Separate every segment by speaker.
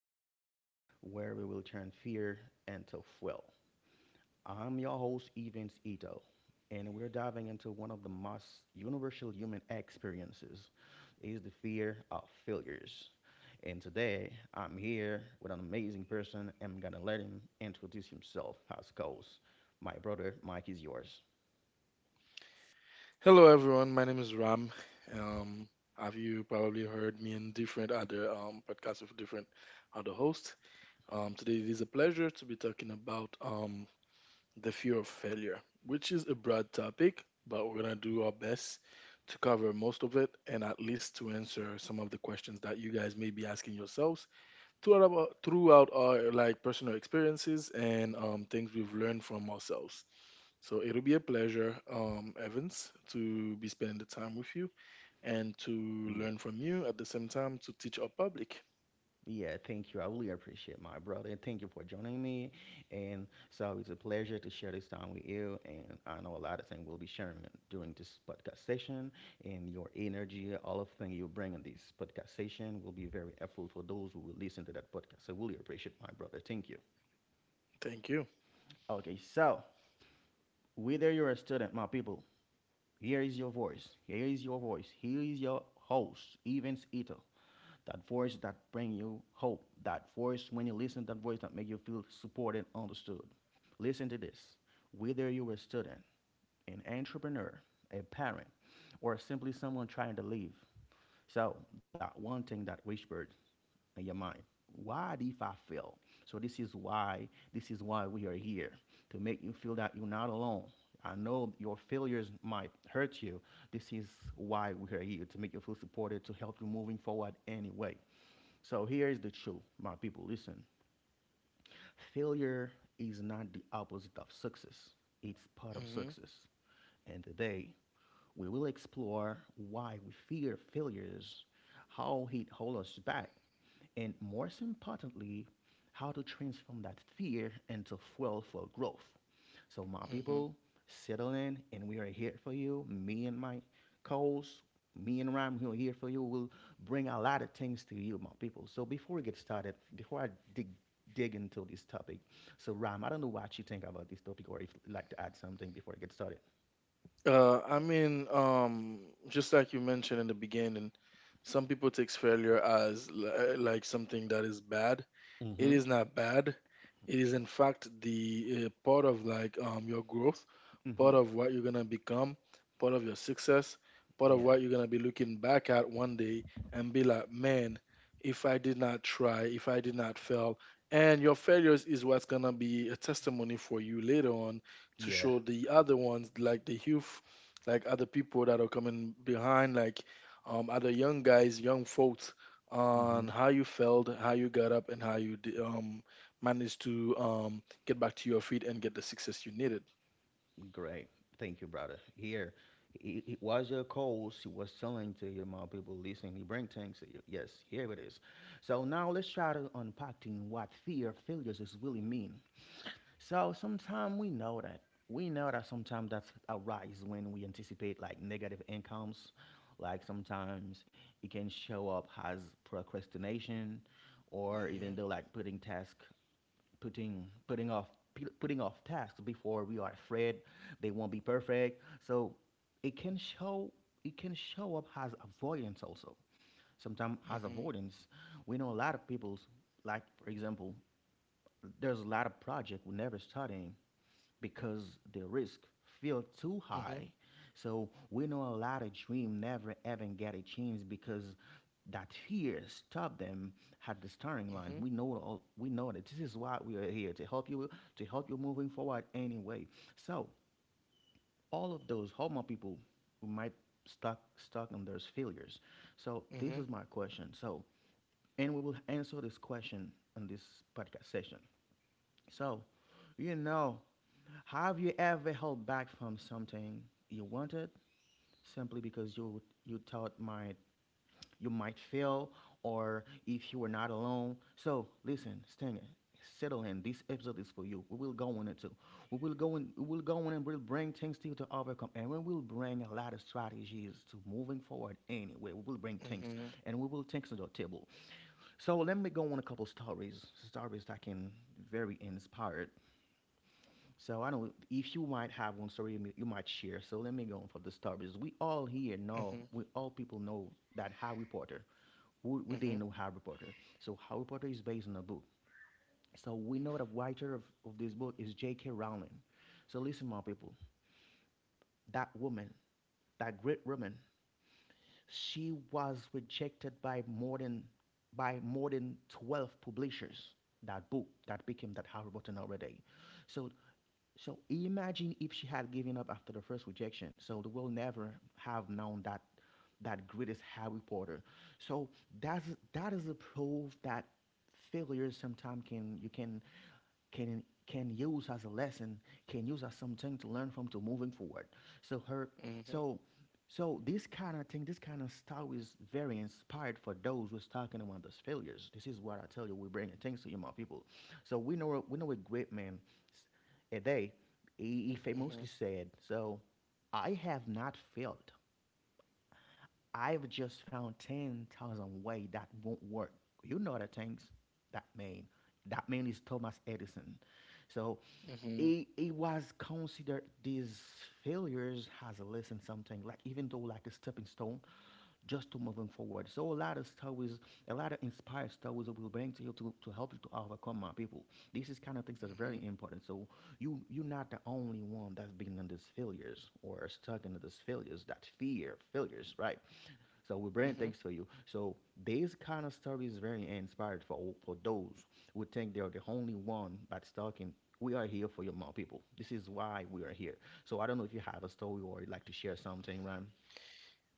Speaker 1: session where we will turn fear into fuel. I'm your host, Evans Ito, and we're diving into one of the most universal human experiences is the fear of failures. And today, I'm here with an amazing person. And I'm gonna let him introduce himself as goes. My brother, Mike, is yours.
Speaker 2: Hello, everyone. My name is Ram. Um, have you probably heard me in different other podcasts with different other hosts? Today, it is a pleasure to be talking about the fear of failure, which is a broad topic, but we're going to do our best to cover most of it and at least to answer some of the questions that you guys may be asking yourselves throughout throughout our like personal experiences and things we've learned from ourselves. So it'll be a pleasure, Evans, to be spending the time with you and to
Speaker 1: Yeah.
Speaker 2: learn from you at the same time to teach our public.
Speaker 1: Yeah, thank you. I really appreciate my brother, and thank you for joining me. And so it's a pleasure to share this time with you. And I know a lot of things we'll be sharing during this podcast session, and your energy, all of things you bring in this podcast session, will be very helpful for those who will listen to that podcast. So really appreciate my brother. Thank you.
Speaker 2: Thank you.
Speaker 1: Okay, so whether you're a student, my people, here is your voice. Here is your voice. Here is your host, Evans Ito. That voice that bring you hope, that voice when you listen to that voice that make you feel supported, understood, listen to this, whether you're a student, an entrepreneur, a parent, or simply someone trying to leave, so that one thing that whispered in your mind, why did I fail? So this is why, this is why we are here, to make you feel that you're not alone. I know your failures might hurt you. This is why we are here, to make you feel supported, to help you moving forward anyway. So here is the truth, my people. Listen, failure is not the opposite of success, it's part of
Speaker 2: Hmm.
Speaker 1: success. And today, we will explore why we fear failures, how it holds us back, and most importantly, how to transform that fear into fuel for growth. So, my
Speaker 2: Hmm.
Speaker 1: people, settle in, and we are here for you. Me and my co-host, me and Ram, who are here for you, will bring a lot of things to you, my people. So, before we get started, before I dig dig into this topic, so Ram, I don't know what you think about this topic, or if you'd like to add something before I get started.
Speaker 2: Uh, I mean, um, just like you mentioned in the beginning, some people takes failure as like something that is bad. It
Speaker 1: Mm-hmm.
Speaker 2: is not bad. It is in fact the part of like your growth, part
Speaker 1: Mm-hmm.
Speaker 2: of what you're gonna become, part of your success, part of
Speaker 1: Yeah.
Speaker 2: what you're gonna be looking back at one day and be like, man, if I did not try, if I did not fail, and your failures is what's gonna be a testimony for you later on to
Speaker 1: Yeah.
Speaker 2: show the other ones like the youth, like other people that are coming behind, like other young guys, young folks
Speaker 1: Mm-hmm.
Speaker 2: on how you felt, how you got up, and how managed to get back to your feet and get the success you needed.
Speaker 1: Great. Thank you, brother. Here, it was your calls. He was telling to you, more people listening. He bring things to you. Yes, here it is. So now let's try to unpacking what fear of failures is really mean. So sometimes we know that. We know that sometimes that arise when we anticipate like negative incomes. Like sometimes it can show up as procrastination, or
Speaker 2: Mhm.
Speaker 1: even though like putting task, putting off, putting off tasks before we are afraid they won't be perfect. So it can show, it can show up as avoidance also, sometimes as
Speaker 2: Mhm.
Speaker 1: avoidance. We know a lot of people's, like for example, there's a lot of project we never starting because the risk feel too
Speaker 2: Mhm.
Speaker 1: high. So we know a lot of dream never even get a chance because that fear stopped them at the starting line.
Speaker 2: Mhm.
Speaker 1: We know all, we know that this is why we are here to help you, to help you moving forward anyway. So all of those homo people who might stuck on those failures. So this
Speaker 2: Mhm.
Speaker 1: is my question. So, and we will answer this question in this podcast session. So, you know, have you ever held back from something you wanted simply because you thought might you might fail, or if you were not alone? So listen, Stinger, settle in. This episode is for you. We will go on it too. We will go in. We will go on and we'll bring things to you to overcome, and we will bring a lot of strategies to moving forward. Anyway, we will bring things,
Speaker 2: Mhm.
Speaker 1: and we will things to the table. So let me go on a couple stories, stories that can very inspired. So I know if you might have one story you you might share. So let me go on for the stories. We all here know,
Speaker 2: Mhm.
Speaker 1: we all people know that Harry Potter. We didn't
Speaker 2: Mhm.
Speaker 1: know Harry Potter. So Harry Potter is based on a book. So we know the writer of this book is J.K. Rowling. So listen, my people, that woman, that great woman, she was rejected by more than, by more than 12 publishers. That book that became that Harry Potter nowadays. So, so imagine if she had given up after the first rejection. So the world never have known that that greatest Harry Potter. So that's, that is a proof that failure sometimes can, you can, can use as a lesson, can use as something to learn from to moving forward. So her, so, so this kind of thing, this kind of style is very inspired for those who's talking about those failures. This is what I tell you. We bring things to you, my people. So we know, we know a great man, A day. He
Speaker 2: Mhm.
Speaker 1: famously said, "So I have not failed. I've just found 10,000 ways that won't work. You know the things that mean. That man is Thomas Edison." So
Speaker 2: Mhm.
Speaker 1: it was considered these failures as a lesson, something like even though like a stepping stone, just to moving forward. So a lot of stories, a lot of inspired stories will bring to you, to help you to overcome, my people. This is kind of things that are very
Speaker 2: Mhm.
Speaker 1: important. So you're not the only one that's been in these failures or stuck in these failures, that fear failures, right? So we bring
Speaker 2: Mhm.
Speaker 1: thanks to you. So this kind of story is very inspired for those who think they're the only one but talking. We are here for your mom people. This is why we are here. So I don't know if you have a story or you'd like to share something, Ram.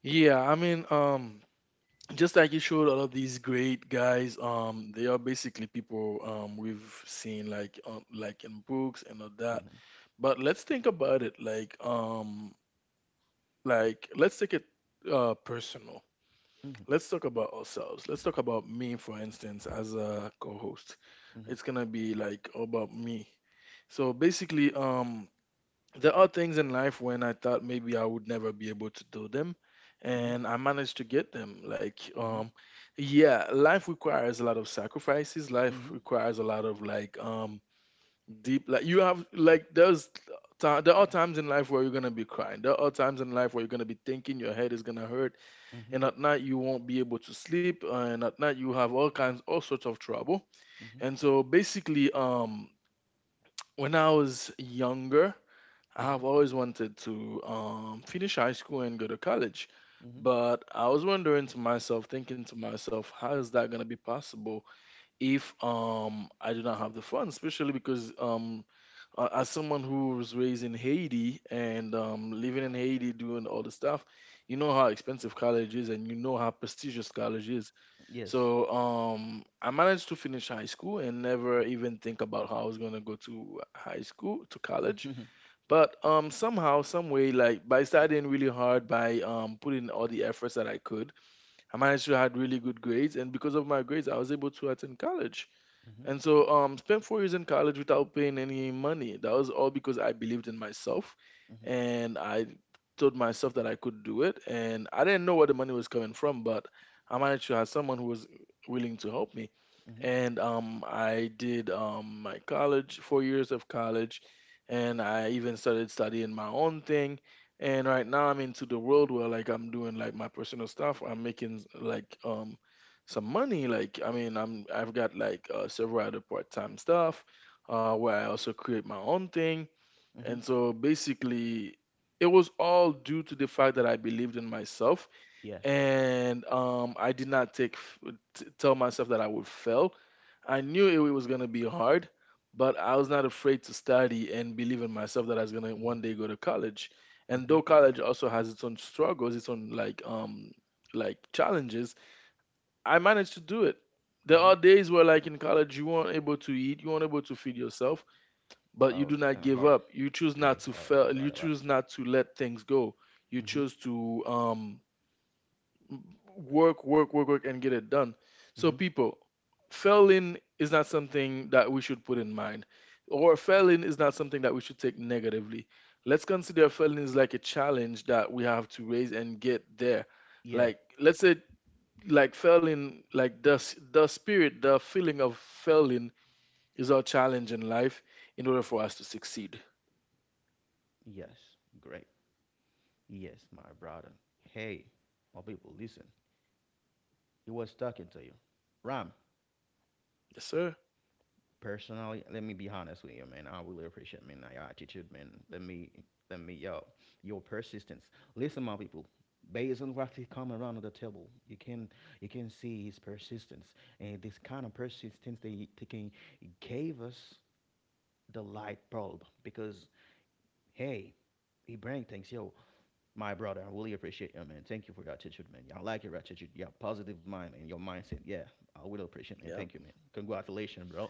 Speaker 2: Yeah, I mean, um, just like you showed all of these great guys, they are basically people we've seen like in books and all that.
Speaker 1: Mm-hmm.
Speaker 2: But let's think about it. Like let's take it personal. Let's talk about ourselves. Let's talk about me, for instance, as a co-host.
Speaker 1: Mm-hmm.
Speaker 2: It's gonna be like about me. So basically, there are things in life when I thought maybe I would never be able to do them,
Speaker 1: Mm-hmm.
Speaker 2: and I managed to get them.
Speaker 1: Mm-hmm.
Speaker 2: Yeah, life requires a lot of sacrifices.
Speaker 1: Mm-hmm.
Speaker 2: Life
Speaker 1: Mm-hmm.
Speaker 2: requires a lot of deep, like you have like there are times in life where you're gonna be crying, there are times in life where you're gonna be thinking your head is gonna hurt,
Speaker 1: Mm-hmm.
Speaker 2: and at night you won't be able to sleep, and at night you have all sorts of trouble.
Speaker 1: Mm-hmm.
Speaker 2: And so basically, when I was younger, I
Speaker 1: Mm-hmm.
Speaker 2: have always wanted to finish high school and go to college,
Speaker 1: Mm-hmm.
Speaker 2: but I was wondering to myself, thinking to myself, how is that gonna be possible if I do not have the funds, especially because as someone who was raised in Haiti and living in Haiti doing all the stuff, you know how expensive college is and you know how prestigious college is.
Speaker 1: Yes.
Speaker 2: So I managed to finish high school and never even think about how I was gonna go to high school to college.
Speaker 1: Mm-hmm.
Speaker 2: But somehow, some way, like by studying really hard, by putting all the efforts that I could, I managed to had really good grades, and because of my grades I was able to attend college.
Speaker 1: Mm-hmm.
Speaker 2: And so, spent 4 years in college without paying any money. That was all because I believed in myself,
Speaker 1: Mm-hmm.
Speaker 2: and I told myself that I could do it. And I didn't know where the money was coming from, but I managed to have someone who was willing to help me.
Speaker 1: Mm-hmm.
Speaker 2: And I did my college, 4 years of college, and I even started studying my own thing. And right now, I'm into the world where like I'm doing like my personal stuff. I'm making like some money. I've got like several other part-time stuff where I also create my own thing.
Speaker 1: Mm-hmm.
Speaker 2: And so basically, it was all due to the fact that I believed in myself,
Speaker 1: Yeah.
Speaker 2: and I did not tell myself that I would fail. I knew it was gonna be hard, but I was not afraid to study and believe in myself that I was gonna
Speaker 1: Mm-hmm.
Speaker 2: one day go to college. And
Speaker 1: Mm-hmm.
Speaker 2: though college also has its own struggles, its own like challenges, I managed to do it. There
Speaker 1: Mm-hmm.
Speaker 2: are days where, like in college, you weren't able to eat, you weren't able to feed yourself, but you
Speaker 1: Oh,
Speaker 2: do
Speaker 1: it's
Speaker 2: not
Speaker 1: kind of
Speaker 2: give
Speaker 1: hard.
Speaker 2: up. You choose
Speaker 1: Yeah,
Speaker 2: not
Speaker 1: it's
Speaker 2: to
Speaker 1: hard.
Speaker 2: fail.
Speaker 1: It's
Speaker 2: You
Speaker 1: hard a lot.
Speaker 2: choose not to let things go. You
Speaker 1: Mm-hmm.
Speaker 2: choose to work, and get it done. So,
Speaker 1: Mm-hmm.
Speaker 2: people, failing is not something that we should put in mind, or failing is not something that we should take negatively. Let's consider failing is like a challenge that we have to raise and get there.
Speaker 1: Yeah.
Speaker 2: Like, let's say like failing, like the spirit, the feeling of failing is our challenge in life in order for us to succeed.
Speaker 1: Yes. Great. Yes, my brother. Hey, my people, listen. He was talking to you. Ram,
Speaker 2: Yes, sir.
Speaker 1: personally, let me be honest with you, man. I really appreciate, man, your attitude, man. Let me, yo, your persistence. Listen, my people. Based on what he come around the table, you can, you can see his persistence, and this kind of persistence they can, gave us the light bulb because hey, he bring things, yo. My brother. I really appreciate you, man. Thank you for your attitude, man. I like your attitude, your positive mind and your mindset. Yeah, I really appreciate, man. Thank you,
Speaker 2: Yeah,
Speaker 1: man. Congratulations, bro.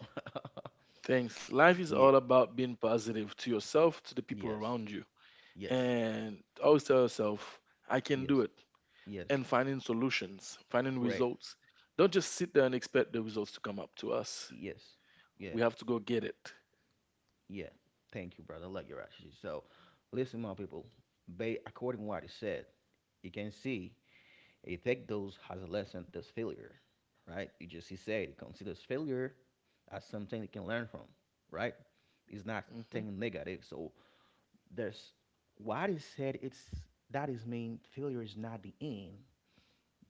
Speaker 2: thanks. Life is
Speaker 1: Yeah.
Speaker 2: all about being positive to yourself, to the people
Speaker 1: Yes.
Speaker 2: around you,
Speaker 1: Yes.
Speaker 2: and always tell yourself I can do
Speaker 1: Yes.
Speaker 2: it,
Speaker 1: Yes.
Speaker 2: and finding solutions, finding
Speaker 1: Great.
Speaker 2: results. Don't just sit there and expect the results to come up to us.
Speaker 1: Yes. Yeah.
Speaker 2: We have to go get it.
Speaker 1: Yeah. Thank you, brother. I like your attitude. So, listen, my people. They, according to what he said, you can see he take those as a lesson. This failure, right? You just, he said he considers failure as something he can learn from, right? It's not
Speaker 2: Hmm.
Speaker 1: thing negative. So there's what is said. It's that is mean failure is not the end.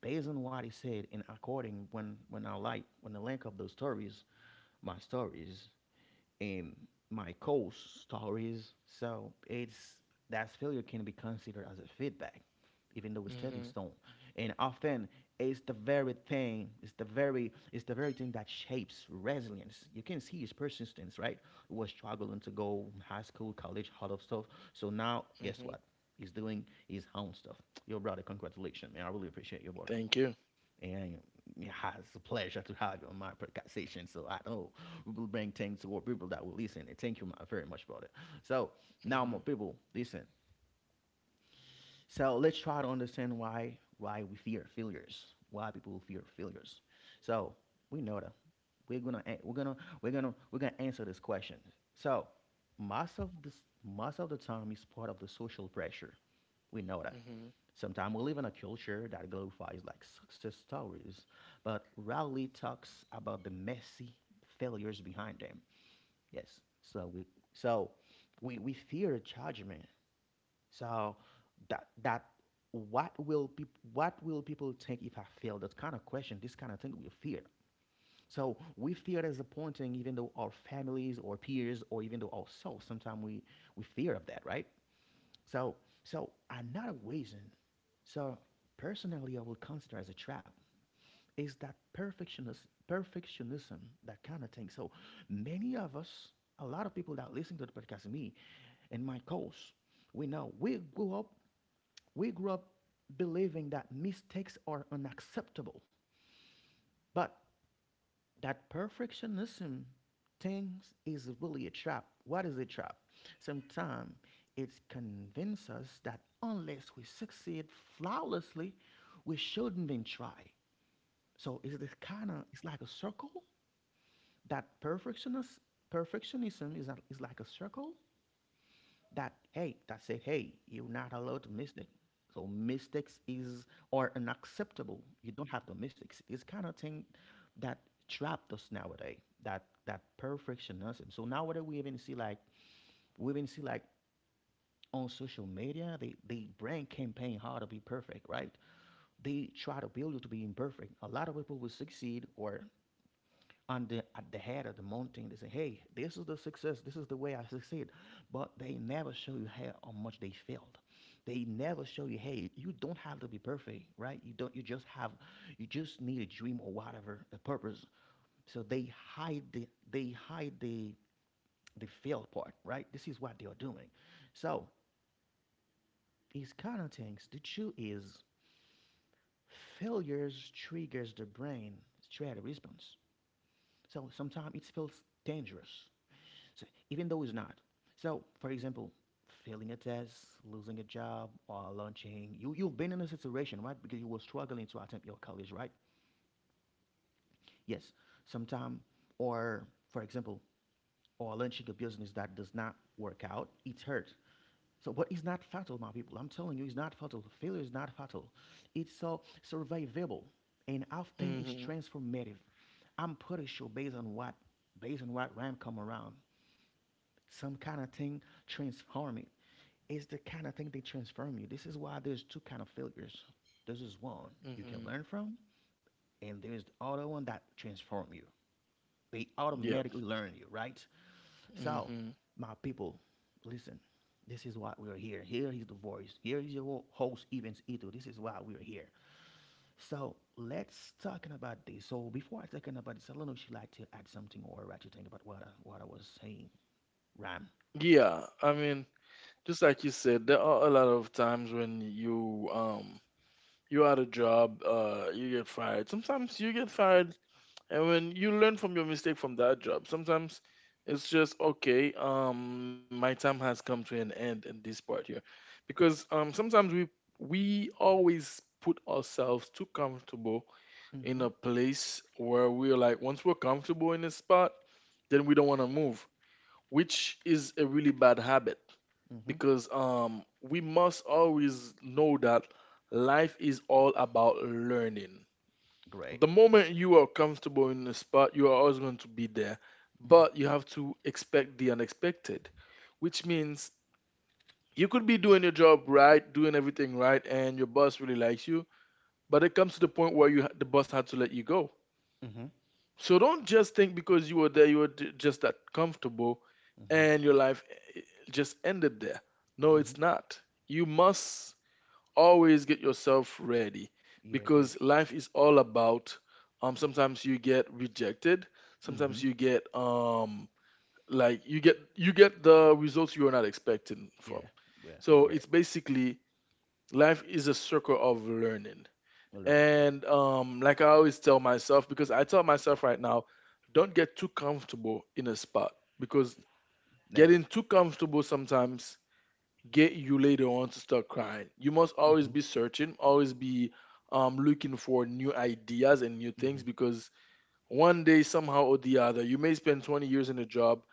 Speaker 1: Based on what he said, and according when I like when I link up those stories, my stories, in my course stories. So it's that failure can be considered as a feedback, even though it's stepping
Speaker 2: Hmm.
Speaker 1: stone. And often it's the very thing, it's the very thing that shapes resilience. You can see his persistence, right? He was struggling to go high school, college, all of stuff. So now guess
Speaker 2: Hmm.
Speaker 1: what? He's doing his own stuff. Your brother, congratulations, man. I really appreciate your brother.
Speaker 2: Thank you.
Speaker 1: And yeah, it's a pleasure to have you on my conversation. So I know we will bring things to our people that will listen. And thank you very much about it. So now, my
Speaker 2: Hmm.
Speaker 1: people, listen. So let's try to understand why we fear failures. Why people fear failures. So we know that we're gonna, we're gonna answer this question. So most of this, most of the time is part of the social pressure. We know that.
Speaker 2: Hmm.
Speaker 1: Sometimes we live in a culture that glorifies like success stories, but rarely talks about the messy failures behind them. Yes. So we, so we fear judgment. So that that what will people, what will people think if I fail? That kind of question, this kind of thing we fear. So we fear disappointing even though our families or peers or even though ourselves, sometimes we fear of that, right? So, so another reason, so personally, I would consider as a trap is that perfectionist perfectionism, that kind of thing. So many of us, a lot of people that listen to the podcast, me and my course, we know we grew up believing that mistakes are unacceptable. But that perfectionism things is really a trap. What is a trap? Sometimes it's convinces us that unless we succeed flawlessly, we shouldn't even try. So it's this kind of it's like a circle that perfectionist perfectionism is is like a circle that hey that said, "Hey, you're not allowed to mistake." So mistakes is or unacceptable. You don't have the mistakes. It's kind of thing that trapped us nowadays. That perfectionism. So nowadays we even see like on social media they brand campaign how to be perfect, right? They try to build you to be imperfect. A lot of people will succeed or on the at the head of the mountain. They say, "Hey, this is the success. This is the way I succeed," but they never show you how much they failed. They never show you, "Hey, you don't have to be perfect, right? You don't. You just have, you just need a dream or whatever a purpose." So they hide the failed part, right? This is what they are doing. So these kind of things. The truth is, failures triggers the brain stress response. So sometimes it feels dangerous, so even though it's not. So, for example, failing a test, losing a job, or launching, you, you've been in a situation, right? Because you were struggling to attempt your college, right? Yes. Sometime, or for example, or launching a business that does not work out, its hurt. So, but it's not fatal, my people. I'm telling you, it's not fatal. Failure is not fatal. It's so survivable, and often it's transformative. I'm pretty sure based on what RAM come around. Some kind of thing transform you. It's the kind of thing they transform you. This is why there's two kind of failures. This is one
Speaker 2: Hmm.
Speaker 1: you can
Speaker 2: Hmm.
Speaker 1: learn from, and there's the other one that transform you. They
Speaker 2: Yeah.
Speaker 1: automatically learn you, right? So,
Speaker 2: Mm-hmm.
Speaker 1: my people, listen. This is why we're here. Here is the voice. Here is your host, Evans Ito. This is why we're here. So let's talking about this. So before I talking about this, I don't know if you like to add something or what you think about what I was saying. Ram.
Speaker 2: Yeah, I mean, just like you said, there are a lot of times when you you had a job, you get fired. Sometimes you get fired, and when you learn from your mistake from that job, sometimes it's just okay. My time has come to an end in this part here, because sometimes we always put ourselves too comfortable
Speaker 1: Mm-hmm.
Speaker 2: in a place where we're like once we're comfortable in a spot, then we don't want to move, which is a really bad habit,
Speaker 1: Mm-hmm.
Speaker 2: because we must always know that life is all about learning.
Speaker 1: Great.
Speaker 2: The moment you are comfortable in the spot, you are always going to be there,
Speaker 1: Mm-hmm.
Speaker 2: but you have to expect the unexpected, which means you could be doing your job right, doing everything right, and your boss really likes you, but it comes to the point where the boss had to let you go.
Speaker 1: Mm-hmm.
Speaker 2: So don't just think because you were there, just that comfortable
Speaker 1: Mm-hmm.
Speaker 2: and your life just ended there. No,
Speaker 1: Mm-hmm.
Speaker 2: it's not. You must always get yourself ready
Speaker 1: Yeah,
Speaker 2: because
Speaker 1: great.
Speaker 2: life is all about sometimes you get rejected, sometimes
Speaker 1: Mm-hmm.
Speaker 2: you get like you get the results you were not expecting from.
Speaker 1: Yeah, yeah,
Speaker 2: So
Speaker 1: great.
Speaker 2: it's basically life is a circle of learning.
Speaker 1: We're learning. Yeah,
Speaker 2: And like I always tell myself, because I tell myself right now, don't get too comfortable in a spot, because
Speaker 1: never.
Speaker 2: getting too comfortable sometimes get you later on to start crying. You must always
Speaker 1: Mm-hmm.
Speaker 2: be searching, always be looking for new ideas and new
Speaker 1: Mm-hmm.
Speaker 2: things, because one day somehow or the other you may spend 20 years in a job.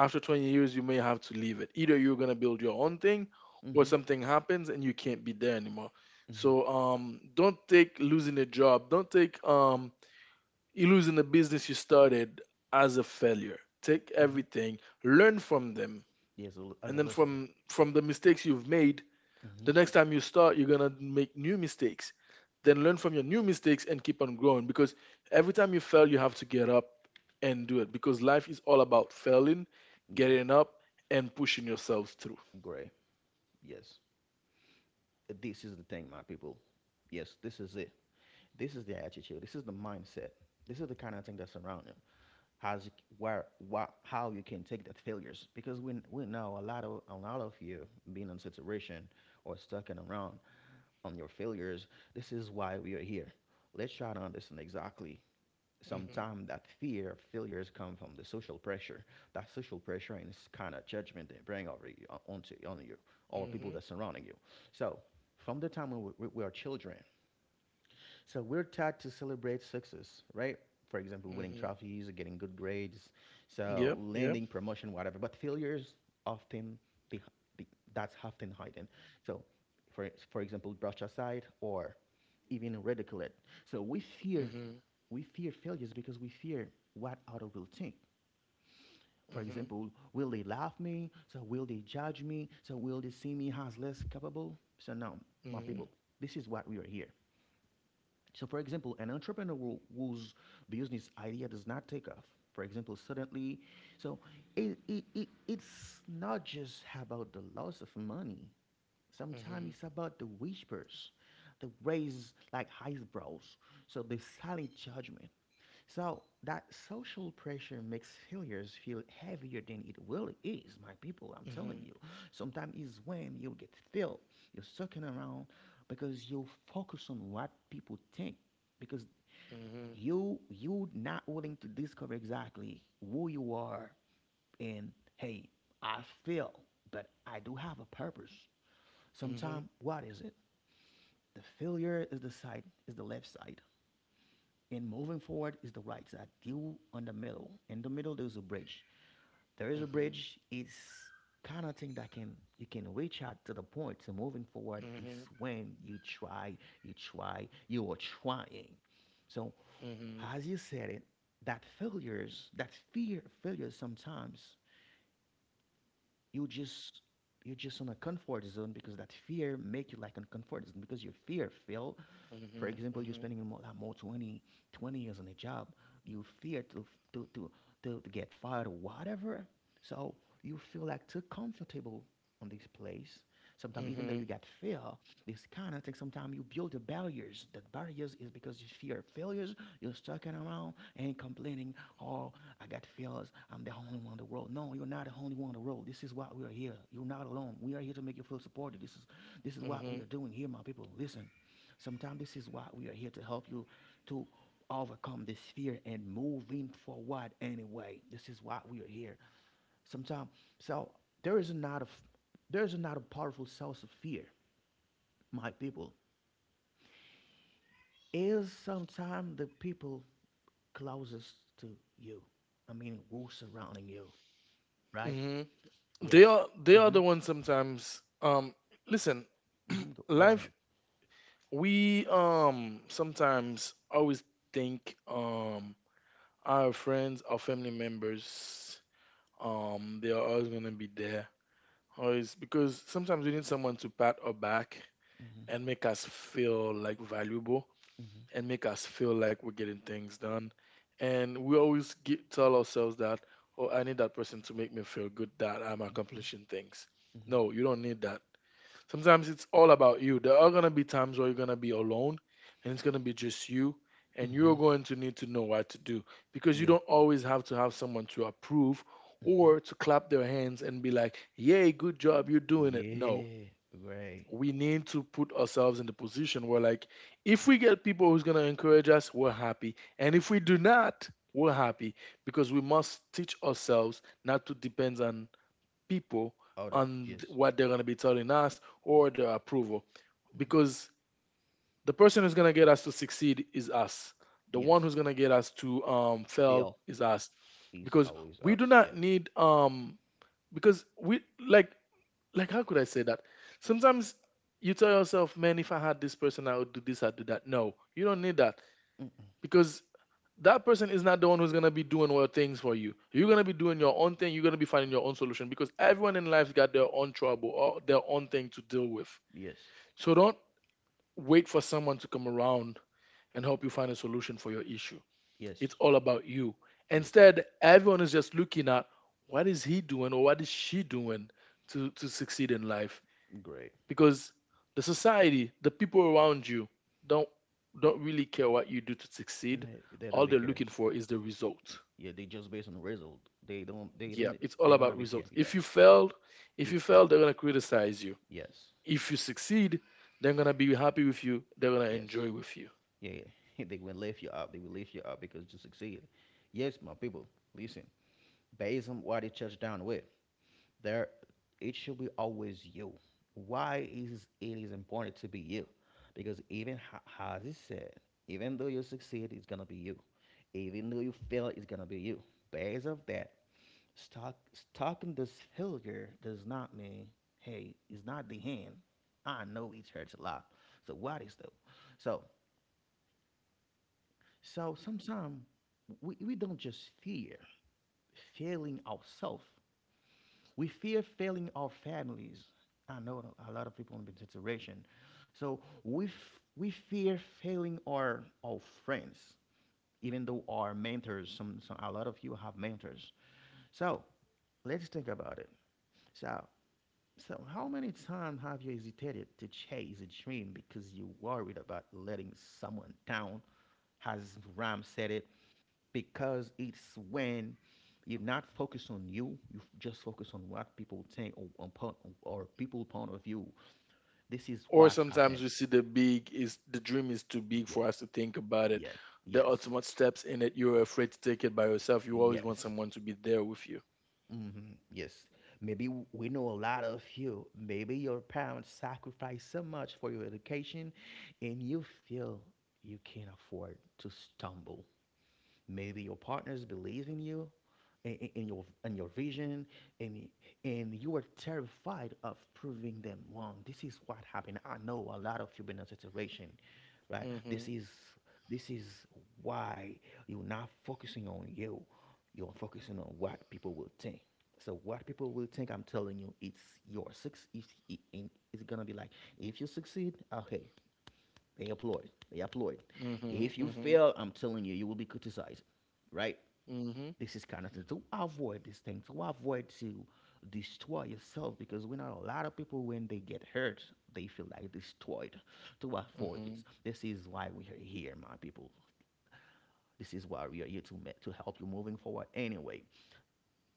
Speaker 2: After 20 years you may have to leave it, either you're going to build your own thing or
Speaker 1: Mm-hmm.
Speaker 2: something happens and you can't be there anymore.
Speaker 1: Mm-hmm.
Speaker 2: So don't take losing a job, don't take you losing the business you started as a failure. Take
Speaker 1: Mm-hmm.
Speaker 2: everything, learn from them,
Speaker 1: Yes, as
Speaker 2: and
Speaker 1: a
Speaker 2: then
Speaker 1: listen.
Speaker 2: from the mistakes you've made,
Speaker 1: Mm-hmm.
Speaker 2: the next time you start, you're gonna make new mistakes. Then learn from your new mistakes and keep on growing, because every time you fail, you have to get up and do it, because life is all about failing,
Speaker 1: Yeah,
Speaker 2: getting up, and pushing yourselves through.
Speaker 1: great. Yes. This is the thing, my people. Yes, this is it. This is the attitude. This is the mindset. This is the kind of thing that's around you. How's you, where, what, how you can take that failures? Because we know a lot of you being in situation or stuck in around on your failures. This is why we are here. Let's try to understand exactly
Speaker 2: Mhm.
Speaker 1: sometimes that fear of failures come from the social pressure. That social pressure and this kind of judgment they bring over you, onto on you or people
Speaker 2: Mhm.
Speaker 1: that surrounding you. So from the time when we are children, so we're taught to celebrate success, right? For example, winning
Speaker 2: Mhm.
Speaker 1: trophies, getting good grades, so
Speaker 2: Yeah, yeah.
Speaker 1: landing promotion, whatever. But failures often the, the that's often hidden. So, for example, brush aside or even ridicule it. So
Speaker 2: Mhm.
Speaker 1: we fear failures because we fear what other will think. For
Speaker 2: Mhm.
Speaker 1: example, will they laugh me? So will they judge me? So will they see me as less capable? So no, my
Speaker 2: Mhm.
Speaker 1: people, this is what we are here. So, for example, an entrepreneur who- whose business idea does not take off, for example, suddenly, so it's not just about the loss of money. Sometimes
Speaker 2: Mhm.
Speaker 1: it's about the whispers, the raise like eyebrows, so the silent judgment. So that social pressure makes failures feel heavier than it really is, my people, I'm telling
Speaker 2: Mhm.
Speaker 1: you. Sometimes is when you get filled, you're sucking around because you focus on what people think. Because
Speaker 2: Mhm.
Speaker 1: you not willing to discover exactly who you are and hey, I fail, but I do have a purpose. Sometimes,
Speaker 2: Mhm.
Speaker 1: what is it? The failure is the side, is the left side, and moving forward is the right side. You on the middle. In the middle, there's a bridge. There is a bridge. It's kind of thing that can you can reach out to the point. So moving forward
Speaker 2: Mhm.
Speaker 1: is
Speaker 2: Mhm.
Speaker 1: when you try, you try, you are trying. So
Speaker 2: Mhm.
Speaker 1: as you said it, that failures, that fear failures sometimes you just you're just on a comfort zone because that fear make you like a comfort zone because you fear fail. For example, you're
Speaker 2: Mhm.
Speaker 1: spending more, like more 20 years on a job. You fear to, to, to get fired or whatever. So you feel like too comfortable on this place.
Speaker 2: Mhm.
Speaker 1: Sometimes even though you
Speaker 2: Mhm.
Speaker 1: got fear, this kind of thing, sometimes you build the barriers. That barriers is because you fear failures. You're stuck around and complaining, oh, I got failures. I'm the only one in the world. No, you're not the only one in the world. This is why we are here. You're not alone. We are here to make you feel supported. This is what we are
Speaker 2: Mhm.
Speaker 1: doing here, my people. Listen, sometimes this is why we are here to help you to overcome this fear and moving forward anyway. This is why we are here. Sometimes so there is not a f- there is not a powerful source of fear, my people. Is sometimes the people closest to you. I mean, who surrounding you, right?
Speaker 2: Mhm.
Speaker 1: Yes.
Speaker 2: They are
Speaker 1: Mm-hmm.
Speaker 2: the ones sometimes listen,
Speaker 1: Mm-hmm. Go, go
Speaker 2: life,
Speaker 1: ahead.
Speaker 2: we sometimes always think our friends, our family members, they are always gonna be there always, because sometimes we need someone to pat our back
Speaker 1: Mm-hmm.
Speaker 2: and make us feel like valuable and make us feel like we're getting things done, and we always tell ourselves that oh, I need that person to make me feel good that I'm
Speaker 1: Mm-hmm.
Speaker 2: accomplishing things.
Speaker 1: Mm-hmm.
Speaker 2: No, you don't need that. Sometimes it's all about you. There are going to be times where you're going to be alone and it's going to be just you, and
Speaker 1: Mm-hmm.
Speaker 2: you're
Speaker 1: Mm-hmm.
Speaker 2: going to need to know what to do, because you
Speaker 1: Yeah.
Speaker 2: don't always have to have someone to approve
Speaker 1: Mm-hmm.
Speaker 2: or to clap their hands and be like, yay, good job, you're doing it. No,
Speaker 1: Yeah. Right.
Speaker 2: we need to put ourselves in the position where, like, if we get people who's going to encourage us, we're happy. And if we do not, we're happy because we must teach ourselves not to depend on people,
Speaker 1: Other.
Speaker 2: on
Speaker 1: Yes.
Speaker 2: what they're going to be telling us, or their approval,
Speaker 1: Mm-hmm.
Speaker 2: because the person who's gonna get us to succeed is us. The one
Speaker 1: Yes.
Speaker 2: who's gonna get us to fail
Speaker 1: Fail
Speaker 2: is us.
Speaker 1: is
Speaker 2: Because
Speaker 1: always
Speaker 2: we do
Speaker 1: us.
Speaker 2: not
Speaker 1: Yeah.
Speaker 2: need, because we like like how could I say that? Sometimes you tell yourself, man, if I had this person, I would do this, I'd do that. No, you don't need that,
Speaker 1: Mm-mm.
Speaker 2: because that person is not the one who's gonna be doing all things for you. You're gonna be doing your own thing. You're gonna be finding your own solution, because everyone in life's got their own trouble or their own thing to deal with.
Speaker 1: Yes.
Speaker 2: So don't wait for someone to come around and help you find a solution for your issue. It's
Speaker 1: Yes.
Speaker 2: all about you.
Speaker 1: Yes.
Speaker 2: Instead, everyone is just looking at what is he doing or what is she doing to succeed in life,
Speaker 1: Great.
Speaker 2: because the society, the people around you don't don't really care what you do to succeed.
Speaker 1: They don't
Speaker 2: All
Speaker 1: even
Speaker 2: they're
Speaker 1: care.
Speaker 2: looking for is the result.
Speaker 1: Yeah, they just based on the result. They don't. They
Speaker 2: Yeah,
Speaker 1: don't.
Speaker 2: it's all
Speaker 1: They don't
Speaker 2: about
Speaker 1: even care.
Speaker 2: results. If
Speaker 1: Yeah.
Speaker 2: you failed, if
Speaker 1: You
Speaker 2: you fail,
Speaker 1: fail.
Speaker 2: they're gonna criticize you.
Speaker 1: Yes.
Speaker 2: If you succeed, they're gonna be happy with you. They're gonna
Speaker 1: Yes.
Speaker 2: enjoy with you.
Speaker 1: Yeah. Yeah. they will lift you up. They will lift you up because you succeed. Yes, my people. Listen. Based on what the church down with. There, it should be always you. Why is it is important to be you? Because even how it said, even though you succeed, it's gonna be you. Even though you fail, it's gonna be you. Based of that, stuck in this failure does not mean, hey, it's not the end. I know it hurts a lot. So what is though? So so sometimes we don't just fear failing ourselves. We fear failing our families. I know a lot of people in this situation. So we fear failing our friends, even though our mentors, a lot of you have mentors. So let's think about it. So, so how many times have you hesitated to chase a dream because you worried about letting someone down? As Ram said it, because it's when you're not focused on you, you just focus on what people think or upon or people point of view. This is
Speaker 2: Or
Speaker 1: what
Speaker 2: sometimes
Speaker 1: happened.
Speaker 2: we see the big is the dream is too big
Speaker 1: Yeah,
Speaker 2: for us to think about it.
Speaker 1: yeah,
Speaker 2: The
Speaker 1: yes,
Speaker 2: ultimate steps in it, you're afraid to take it by yourself. You always want
Speaker 1: yes.
Speaker 2: someone to be there with you.
Speaker 1: Hmm, yes. Maybe we know a lot of you, maybe your parents sacrificed so much for your education and you feel you can't afford to stumble. Maybe your partners believe in you, in your vision, and you are terrified of proving them wrong. This is what happened. I know a lot of you been in a situation, right?
Speaker 2: Mm-hmm.
Speaker 1: This is why you're not focusing on you. You're focusing on what people will think. So what people will think, I'm telling you, it's your six. It's gonna be like, if you succeed, okay, they applaud. They applaud.
Speaker 2: Mm-hmm.
Speaker 1: If you
Speaker 2: Mm-hmm.
Speaker 1: fail, I'm telling you, you will be criticized, right?
Speaker 2: Mm-hmm.
Speaker 1: This is kind of thing to avoid this thing, to avoid to destroy yourself because we know a lot of people when they get hurt, they feel like destroyed. To avoid
Speaker 2: Mm-hmm.
Speaker 1: this, this is why we are here, my people. This is why we are here to help you moving forward. Anyway,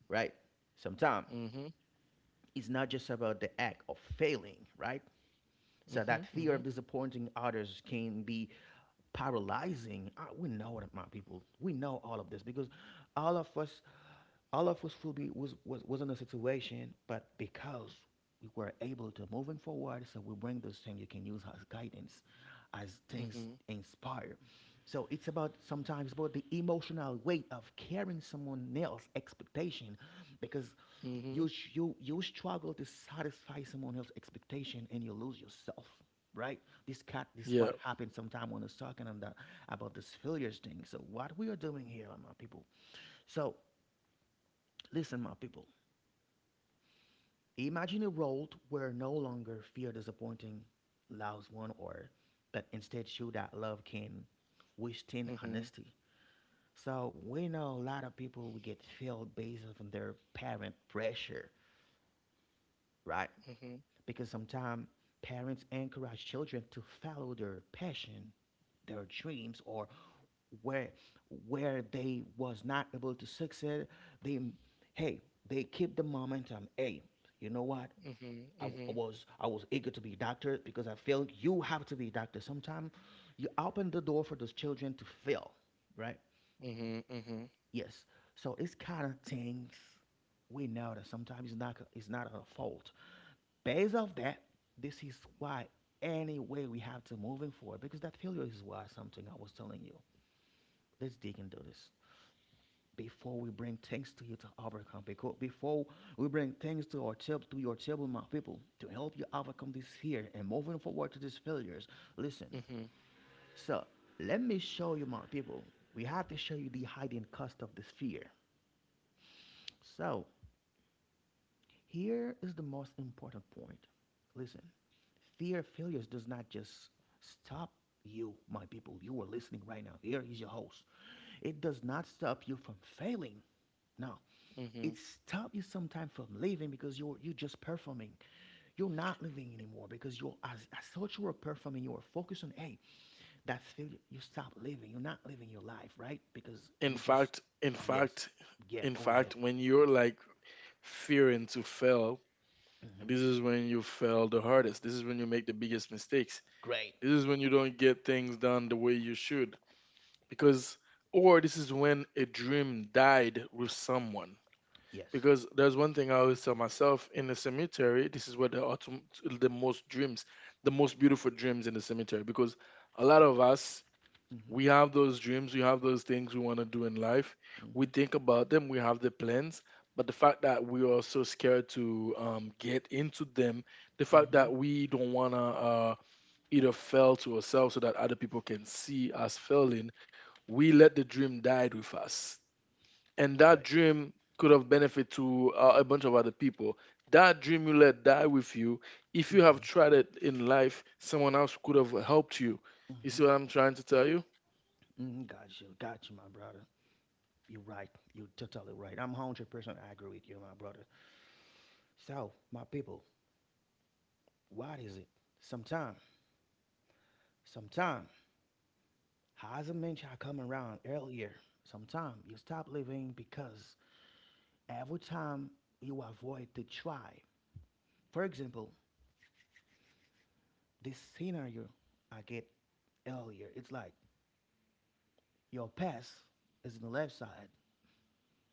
Speaker 1: right? Sometimes
Speaker 2: Mm-hmm.
Speaker 1: it's not just about the act of failing, right? So that fear of
Speaker 2: Mm-hmm.
Speaker 1: disappointing others can be paralyzing. I, we know that, my people. We know all of this because all of us all of us was was in a situation, but because we were able to moving forward, so we bring those things you can use as guidance, as
Speaker 2: Mm-hmm.
Speaker 1: things
Speaker 2: Mm-hmm.
Speaker 1: inspire. So it's about sometimes about the emotional weight of carrying someone else's expectation, because you
Speaker 2: Mm-hmm.
Speaker 1: you you struggle to satisfy someone else's expectation and you lose yourself, right? This cat, this what
Speaker 2: Yeah.
Speaker 1: happened sometime when I was talking on the about this failures thing. So what we are doing here, my people. So listen, my people. Imagine a world where no longer fear disappointing loves one or but instead show that love can withstand
Speaker 2: Mm-hmm.
Speaker 1: honesty. So we know a lot of people will get failed based on their parent pressure, right?
Speaker 2: Mm-hmm.
Speaker 1: Because sometimes parents encourage children to follow their passion, their dreams, or where where they was not able to succeed, they hey, they keep the momentum. Hey, you know what?
Speaker 2: Mm-hmm.
Speaker 1: I
Speaker 2: Mm-hmm.
Speaker 1: I was eager to be a doctor because I felt you have to be a doctor. Sometimes you open the door for those children to fail, right?
Speaker 2: Mm-hmm. Mm-hmm.
Speaker 1: Yes. So it's kind of things we know that sometimes it's not our fault. Based off that, this is why any way we have to moving forward because that failure is why something I was telling you. Let's dig into this. Before we bring things to you to overcome, because before we bring things to our children, to your children, my people, to help you overcome this fear and moving forward to these failures. Listen,
Speaker 2: Mm-hmm.
Speaker 1: so let me show you, my people. We have to show you the hidden cost of this fear. So here is the most important point. Listen, fear of failures does not just stop you, my people. You are listening right now. Here is your host. It does not stop you from failing. No,
Speaker 2: Mm-hmm.
Speaker 1: it stops you sometimes from living because you're just performing. You're not living anymore because you're as such you are performing. You are focused on hey, that's failure. You stop living. You're not living your life, right? Because
Speaker 2: In
Speaker 1: you just
Speaker 2: fact, in
Speaker 1: yes,
Speaker 2: fact,
Speaker 1: yeah.
Speaker 2: in
Speaker 1: Go ahead.
Speaker 2: fact, when you're like fearing to fail. And
Speaker 1: Hmm.
Speaker 2: this is when you fail the hardest. This is when you make the biggest mistakes.
Speaker 1: Great.
Speaker 2: This is when you don't get things done the way you should. Because, or This is when a dream died with someone.
Speaker 1: Yes.
Speaker 2: Because there's one thing I always tell myself: in the cemetery, this is where the most dreams, the most beautiful dreams, in the cemetery. Because a lot of us,
Speaker 1: Hmm.
Speaker 2: we have those dreams, we have those things we want to do in life. We
Speaker 1: Hmm.
Speaker 2: think about them, we have the plans, but the fact that we are so scared to get into them, the fact
Speaker 1: Hmm.
Speaker 2: that we don't want to either fail to ourselves so that other people can see us failing, we let the dream die with us. And that
Speaker 1: Great.
Speaker 2: dream could have benefit to a bunch of other people. That dream you let die with you, if you have
Speaker 1: Mm-hmm.
Speaker 2: tried it in life, someone else could have helped you. You see
Speaker 1: Mm-hmm.
Speaker 2: what I'm trying to tell you?
Speaker 1: Mm-hmm. Got you, my brother. You're right. You're totally right. I'm 100% agree with you, my brother. So, my people, what is it? Sometime, sometime as a mentioned, I come around earlier. Sometime you stop living because every time you avoid to try. For example, this scenario I get earlier, it's like your past is in the left side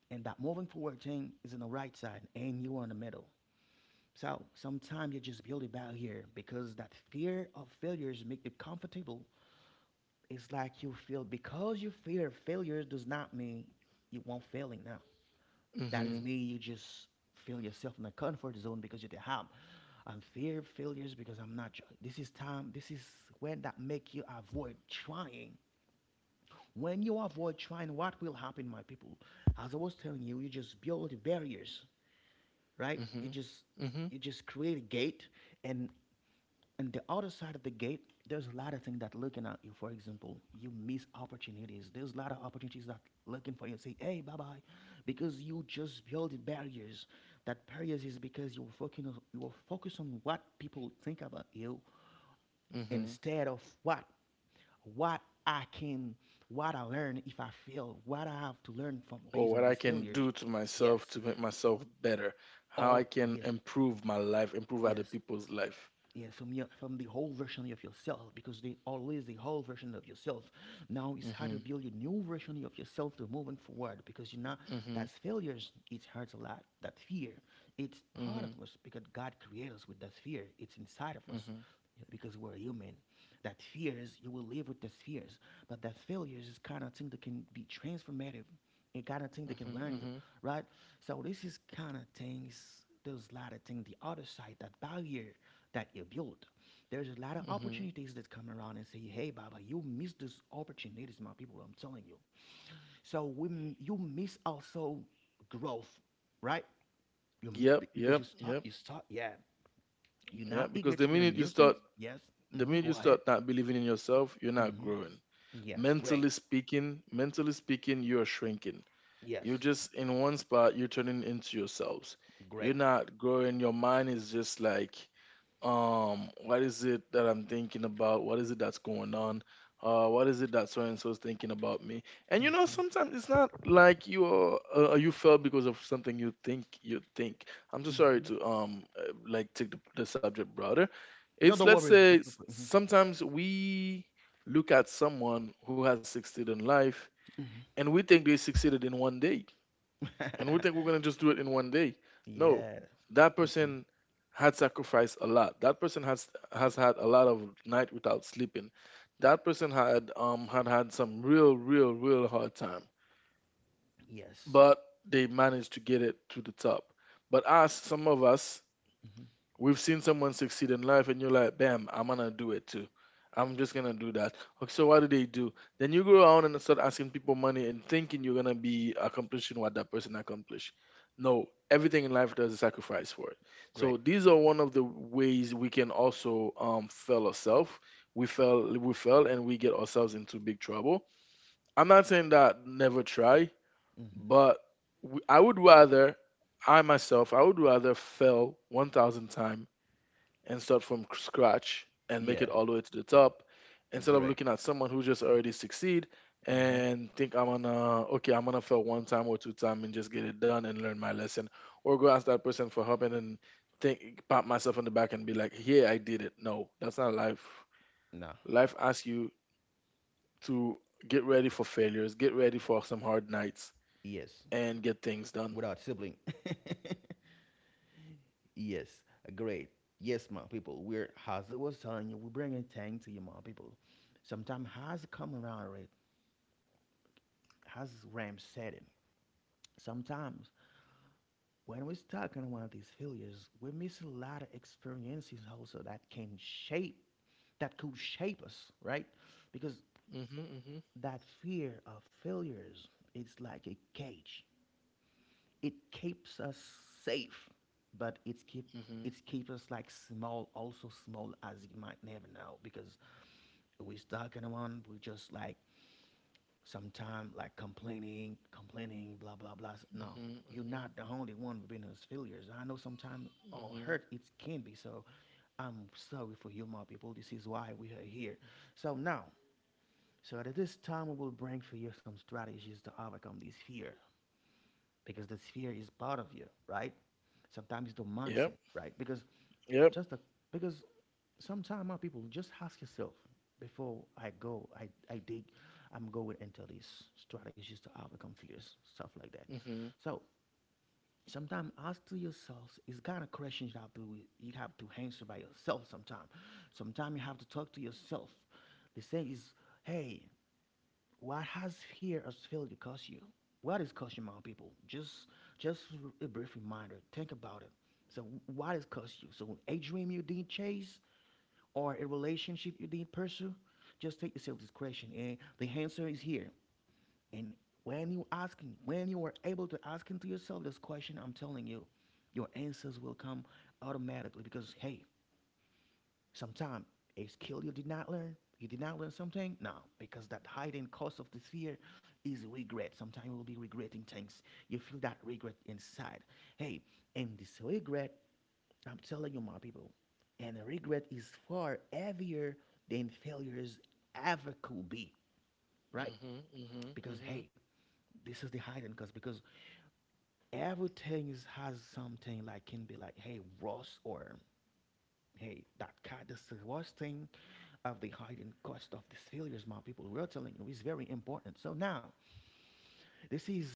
Speaker 1: and that moving forward thing is in the right side and you are in the middle. So sometimes you just build a barrier because that fear of failures make you comfortable. It's like you feel because you fear failures does not mean you won't failing now. That is me. You just feel yourself in a comfort zone because you think, "Ham, I'm fear of failures because I'm not. This is time. This is when that make you avoid trying. When you avoid trying, what will happen, my people? As I was telling you, you just build barriers, right? You
Speaker 2: Mhm.
Speaker 1: just
Speaker 2: Mhm.
Speaker 1: you just create a gate, and and the other side of the gate there's a lot of things that looking at you, for example, you miss opportunities. There's a lot of opportunities that looking for you and say hey, bye-bye, because you just build barriers. That barriers is because you're focusing on, you're focused on what people think about you
Speaker 2: Mhm.
Speaker 1: instead of what I can what I learn if I fail, what I have to learn from
Speaker 2: Or
Speaker 1: based on
Speaker 2: what I
Speaker 1: these
Speaker 2: can
Speaker 1: failures.
Speaker 2: do to myself
Speaker 1: Yes.
Speaker 2: to make myself better. How I
Speaker 1: Or
Speaker 2: can
Speaker 1: yes.
Speaker 2: improve my life, improve other
Speaker 1: Yes.
Speaker 2: people's life.
Speaker 1: Yeah, from your from the whole version of yourself because they always the whole version of yourself. Now it's hard to
Speaker 2: Mhm.
Speaker 1: build a new version of yourself to moving forward because you know that
Speaker 2: Mhm.
Speaker 1: failures. It hurts a lot. That fear, it's part of
Speaker 2: Mhm.
Speaker 1: us because God created us with that fear. It's inside of us,
Speaker 2: Mhm.
Speaker 1: yeah, because we're human. That fears you will live with the fears, but that failures is kind of thing that can be transformative and kind of thing they can
Speaker 2: Mhm.
Speaker 1: learn you,
Speaker 2: Mhm.
Speaker 1: right? So this is kind of things. There's a lot of things. The other side, that barrier that you build. There's a lot of
Speaker 2: Mhm.
Speaker 1: opportunities that come around and say, "Hey, Baba, you miss those opportunities, my people." I'm telling you. So you miss also growth, right?
Speaker 2: Yep,
Speaker 1: Because
Speaker 2: yep,
Speaker 1: you stop,
Speaker 2: yep,
Speaker 1: you stop. Yeah, you're
Speaker 2: yep.
Speaker 1: not
Speaker 2: Because
Speaker 1: eager
Speaker 2: the
Speaker 1: to
Speaker 2: minute
Speaker 1: learn
Speaker 2: you
Speaker 1: new
Speaker 2: start,
Speaker 1: things. Yes.
Speaker 2: the
Speaker 1: Mm-hmm.
Speaker 2: minute you
Speaker 1: Go
Speaker 2: start
Speaker 1: ahead.
Speaker 2: not believing in yourself, you're not
Speaker 1: Mm-hmm.
Speaker 2: growing.
Speaker 1: Yes. Great.
Speaker 2: Mentally speaking, you're shrinking. You're
Speaker 1: Yes.
Speaker 2: just in one spot, you're turning into yourselves. You're
Speaker 1: Great.
Speaker 2: not growing. Your mind is just like, what is it that I'm thinking about, what is it that's going on, what is it that so and so is thinking about me. And you know,
Speaker 1: Mm-hmm.
Speaker 2: sometimes it's not like you are you fell because of something you think. I'm so sorry
Speaker 1: Mm-hmm.
Speaker 2: to like take the subject broader.
Speaker 1: No,
Speaker 2: It's,
Speaker 1: don't
Speaker 2: let's
Speaker 1: worry.
Speaker 2: say,
Speaker 1: If, mm-hmm.
Speaker 2: sometimes we look at someone who has succeeded in life
Speaker 1: Mm-hmm.
Speaker 2: and we think they succeeded in one day, and we think we're gonna just do it in one day. No,
Speaker 1: Yeah.
Speaker 2: that
Speaker 1: Mhm.
Speaker 2: person had sacrificed a lot. That person has had a lot of night without sleeping. That person had some real, real, real hard time,
Speaker 1: Yes.
Speaker 2: but they managed to get it to the top. But us, some of us,
Speaker 1: Hmm.
Speaker 2: we've seen someone succeed in life, and you're like, bam, I'm gonna do it too. I'm just gonna do that. Okay, so what do they do? Then you go around and start asking people money and thinking you're gonna be accomplishing what that person accomplished. No, everything in life there's a sacrifice for it. So
Speaker 1: Great.
Speaker 2: these are one of the ways we can also fail ourselves. We fail, and we get ourselves into big trouble. I'm not saying that never try,
Speaker 1: Hmm.
Speaker 2: but w- I would rather I myself, I would rather fail 1,000 times and start from scratch and make
Speaker 1: Yeah.
Speaker 2: it all the way to the top, instead of
Speaker 1: Great.
Speaker 2: looking at someone who just already succeed
Speaker 1: Hmm.
Speaker 2: and think, I'm gonna, okay, I'm gonna fail one time or two time and just get it done and learn my lesson, or go ask that person for help and then think, pat myself on the back and be like, yeah, I did it. No, that's not life.
Speaker 1: Nah.
Speaker 2: Life asks you to get ready for failures, get ready for some hard nights,
Speaker 1: Yes.
Speaker 2: and get things done.
Speaker 1: Without sibling. Yes. Great. Yes, my people. We're as it was telling you, we're bringing things to you, my people. Sometimes has come around right. Has Ram said it. Sometimes when we're stuck in one of these failures, we miss a lot of experiences also that can shape, that could shape us, right? Because
Speaker 2: Mhm. Mhm.
Speaker 1: that fear of failures, it's like a cage. It keeps us safe, but it's keep
Speaker 2: Mhm.
Speaker 1: it keeps us like small also, small as you might never know because we stuck in one, we just like sometimes like complaining blah blah blah. No,
Speaker 2: Mhm.
Speaker 1: you're
Speaker 2: Mhm.
Speaker 1: not the only one with been those failures. I know sometimes all
Speaker 2: Mhm.
Speaker 1: hurt it can be so. I'm sorry for you, my people. This is why we are here. So now, so at this time, I will bring for you some strategies to overcome this fear because this fear is part of you, right? Sometimes the mindset,
Speaker 2: Yep,
Speaker 1: right? Because
Speaker 2: yep.
Speaker 1: just the because sometimes my people just ask yourself before I go, I dig, I'm going into these strategies to overcome fears, stuff like that.
Speaker 2: Mhm.
Speaker 1: So sometimes ask to yourselves it's kind of questions you have to answer by yourself. Sometimes, sometimes you have to talk to yourself. They say is hey, what has fear or failure cost you? What is cost you, my people? Just a brief reminder. Think about it. So what is cost you? So a dream you didn't chase or a relationship you didn't pursue? Just take yourself this question and the answer is here. And when you asking, when you are able to ask into yourself this question, I'm telling you, your answers will come automatically because hey, sometimes a skill you did not learn. You did not learn something? No, because that hiding cause of this fear is regret. Sometimes you will be regretting things. You feel that regret inside. Hey, and this regret, I'm telling you, my people, and regret is far heavier than failures ever could be, right?
Speaker 2: Mm-hmm, mm-hmm,
Speaker 1: Because
Speaker 2: mm-hmm.
Speaker 1: hey, this is the hiding cause because everything is, has something like can be like hey Ross or hey that cat. This is the worst thing of the hidden cost of these failures, my people. We are telling you, it's very important. So now, this is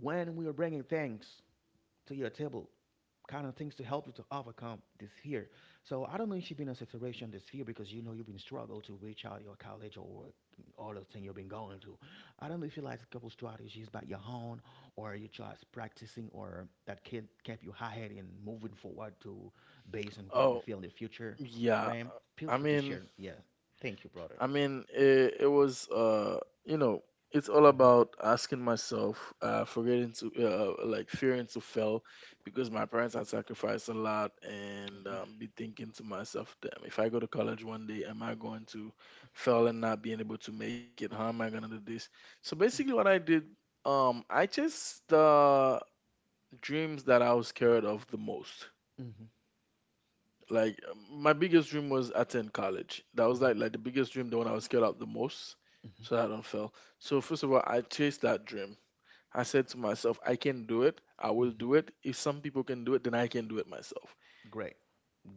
Speaker 1: when we are bringing things to your table, kind of things to help you to overcome this fear. So I don't know if you've been in a situation this fear because you know you've been struggled to reach out your college or all the thing you've been going to. I don't know if you like a couple strategies by your own or you just practicing or that can keep you high headed and moving forward to based on what you
Speaker 2: Oh,
Speaker 1: feel in the future.
Speaker 2: yeah.
Speaker 1: Ram, feel
Speaker 2: I
Speaker 1: free to
Speaker 2: mean,
Speaker 1: share. Yeah. Thank you, brother.
Speaker 2: I mean, it was, you know, it's all
Speaker 1: Mhm,
Speaker 2: about asking myself, forgetting to, like fearing to fail, because my parents had sacrificed a lot and
Speaker 1: mhm,
Speaker 2: be thinking to myself, damn, if I go to college one day, am I going to fail and not being able to make it? How am I gonna do this? So basically what I did, I chased the dreams that I was scared of the most.
Speaker 1: mhm,
Speaker 2: Like my biggest dream was attend college. That was
Speaker 1: mhm,
Speaker 2: like the biggest dream, the one I was scared of the most,
Speaker 1: mhm,
Speaker 2: so that I don't fail. So first of all, I chased that dream. I said to myself, I can do it. I will
Speaker 1: mhm.
Speaker 2: do it. If some people can do it, then I can do it myself.
Speaker 1: Great.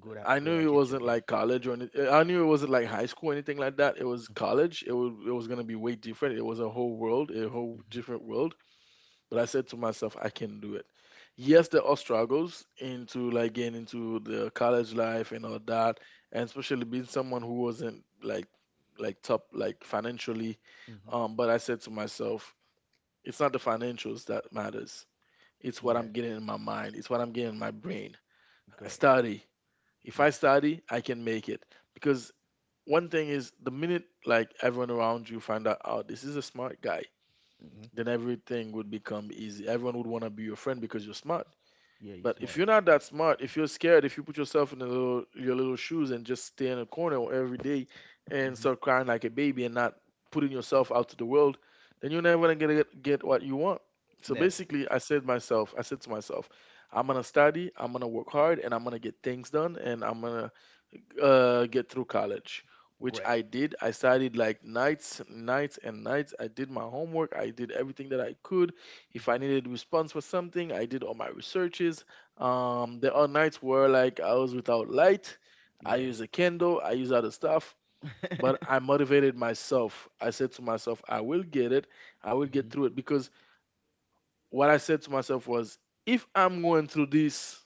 Speaker 1: Good
Speaker 2: I
Speaker 1: at good
Speaker 2: knew it
Speaker 1: attitude.
Speaker 2: wasn't
Speaker 1: Yeah.
Speaker 2: like college or anything. I knew it wasn't like high school or anything like that. It was college. It was gonna be way different. It was a whole world, a whole
Speaker 1: Mhm,
Speaker 2: different world. But I said to myself, I can do it. Yes, there are struggles into like getting into the college life and all that, and especially being someone who wasn't like top like financially.
Speaker 1: mhm.
Speaker 2: But I said to myself, it's not the financials that matters. It's what I'm
Speaker 1: Yeah.
Speaker 2: getting in my mind. It's what I'm getting in my brain.
Speaker 1: Great.
Speaker 2: Study. If I
Speaker 1: Yeah.
Speaker 2: study, I can make it. Because one thing is, the minute like everyone around you find out, oh, this is a smart guy,
Speaker 1: Mhm.
Speaker 2: then everything would become easy. Everyone would want to be your friend because you're smart.
Speaker 1: Yeah. You're
Speaker 2: But if
Speaker 1: smart.
Speaker 2: you're not that smart, if you're scared, if you put yourself in the little, your little shoes and just stay in a corner every day and
Speaker 1: Mhm.
Speaker 2: start crying like a baby and not putting yourself out to the world, then you're never gonna get what you want. So
Speaker 1: Never.
Speaker 2: basically, I said to myself, I'm gonna study, I'm gonna work hard, and I'm gonna get things done, and I'm gonna get through college, which
Speaker 1: Great.
Speaker 2: I did. I studied like nights, nights, and nights. I did my homework. I did everything that I could. If I
Speaker 1: Mhm.
Speaker 2: needed response for something, I did all my researches. There are nights where like I was without light. I
Speaker 1: Yeah.
Speaker 2: use a candle. I use other stuff. But I motivated myself. I said to myself, I will get it. I will
Speaker 1: Mhm.
Speaker 2: get through it, because what I said to myself was, if I'm going through this,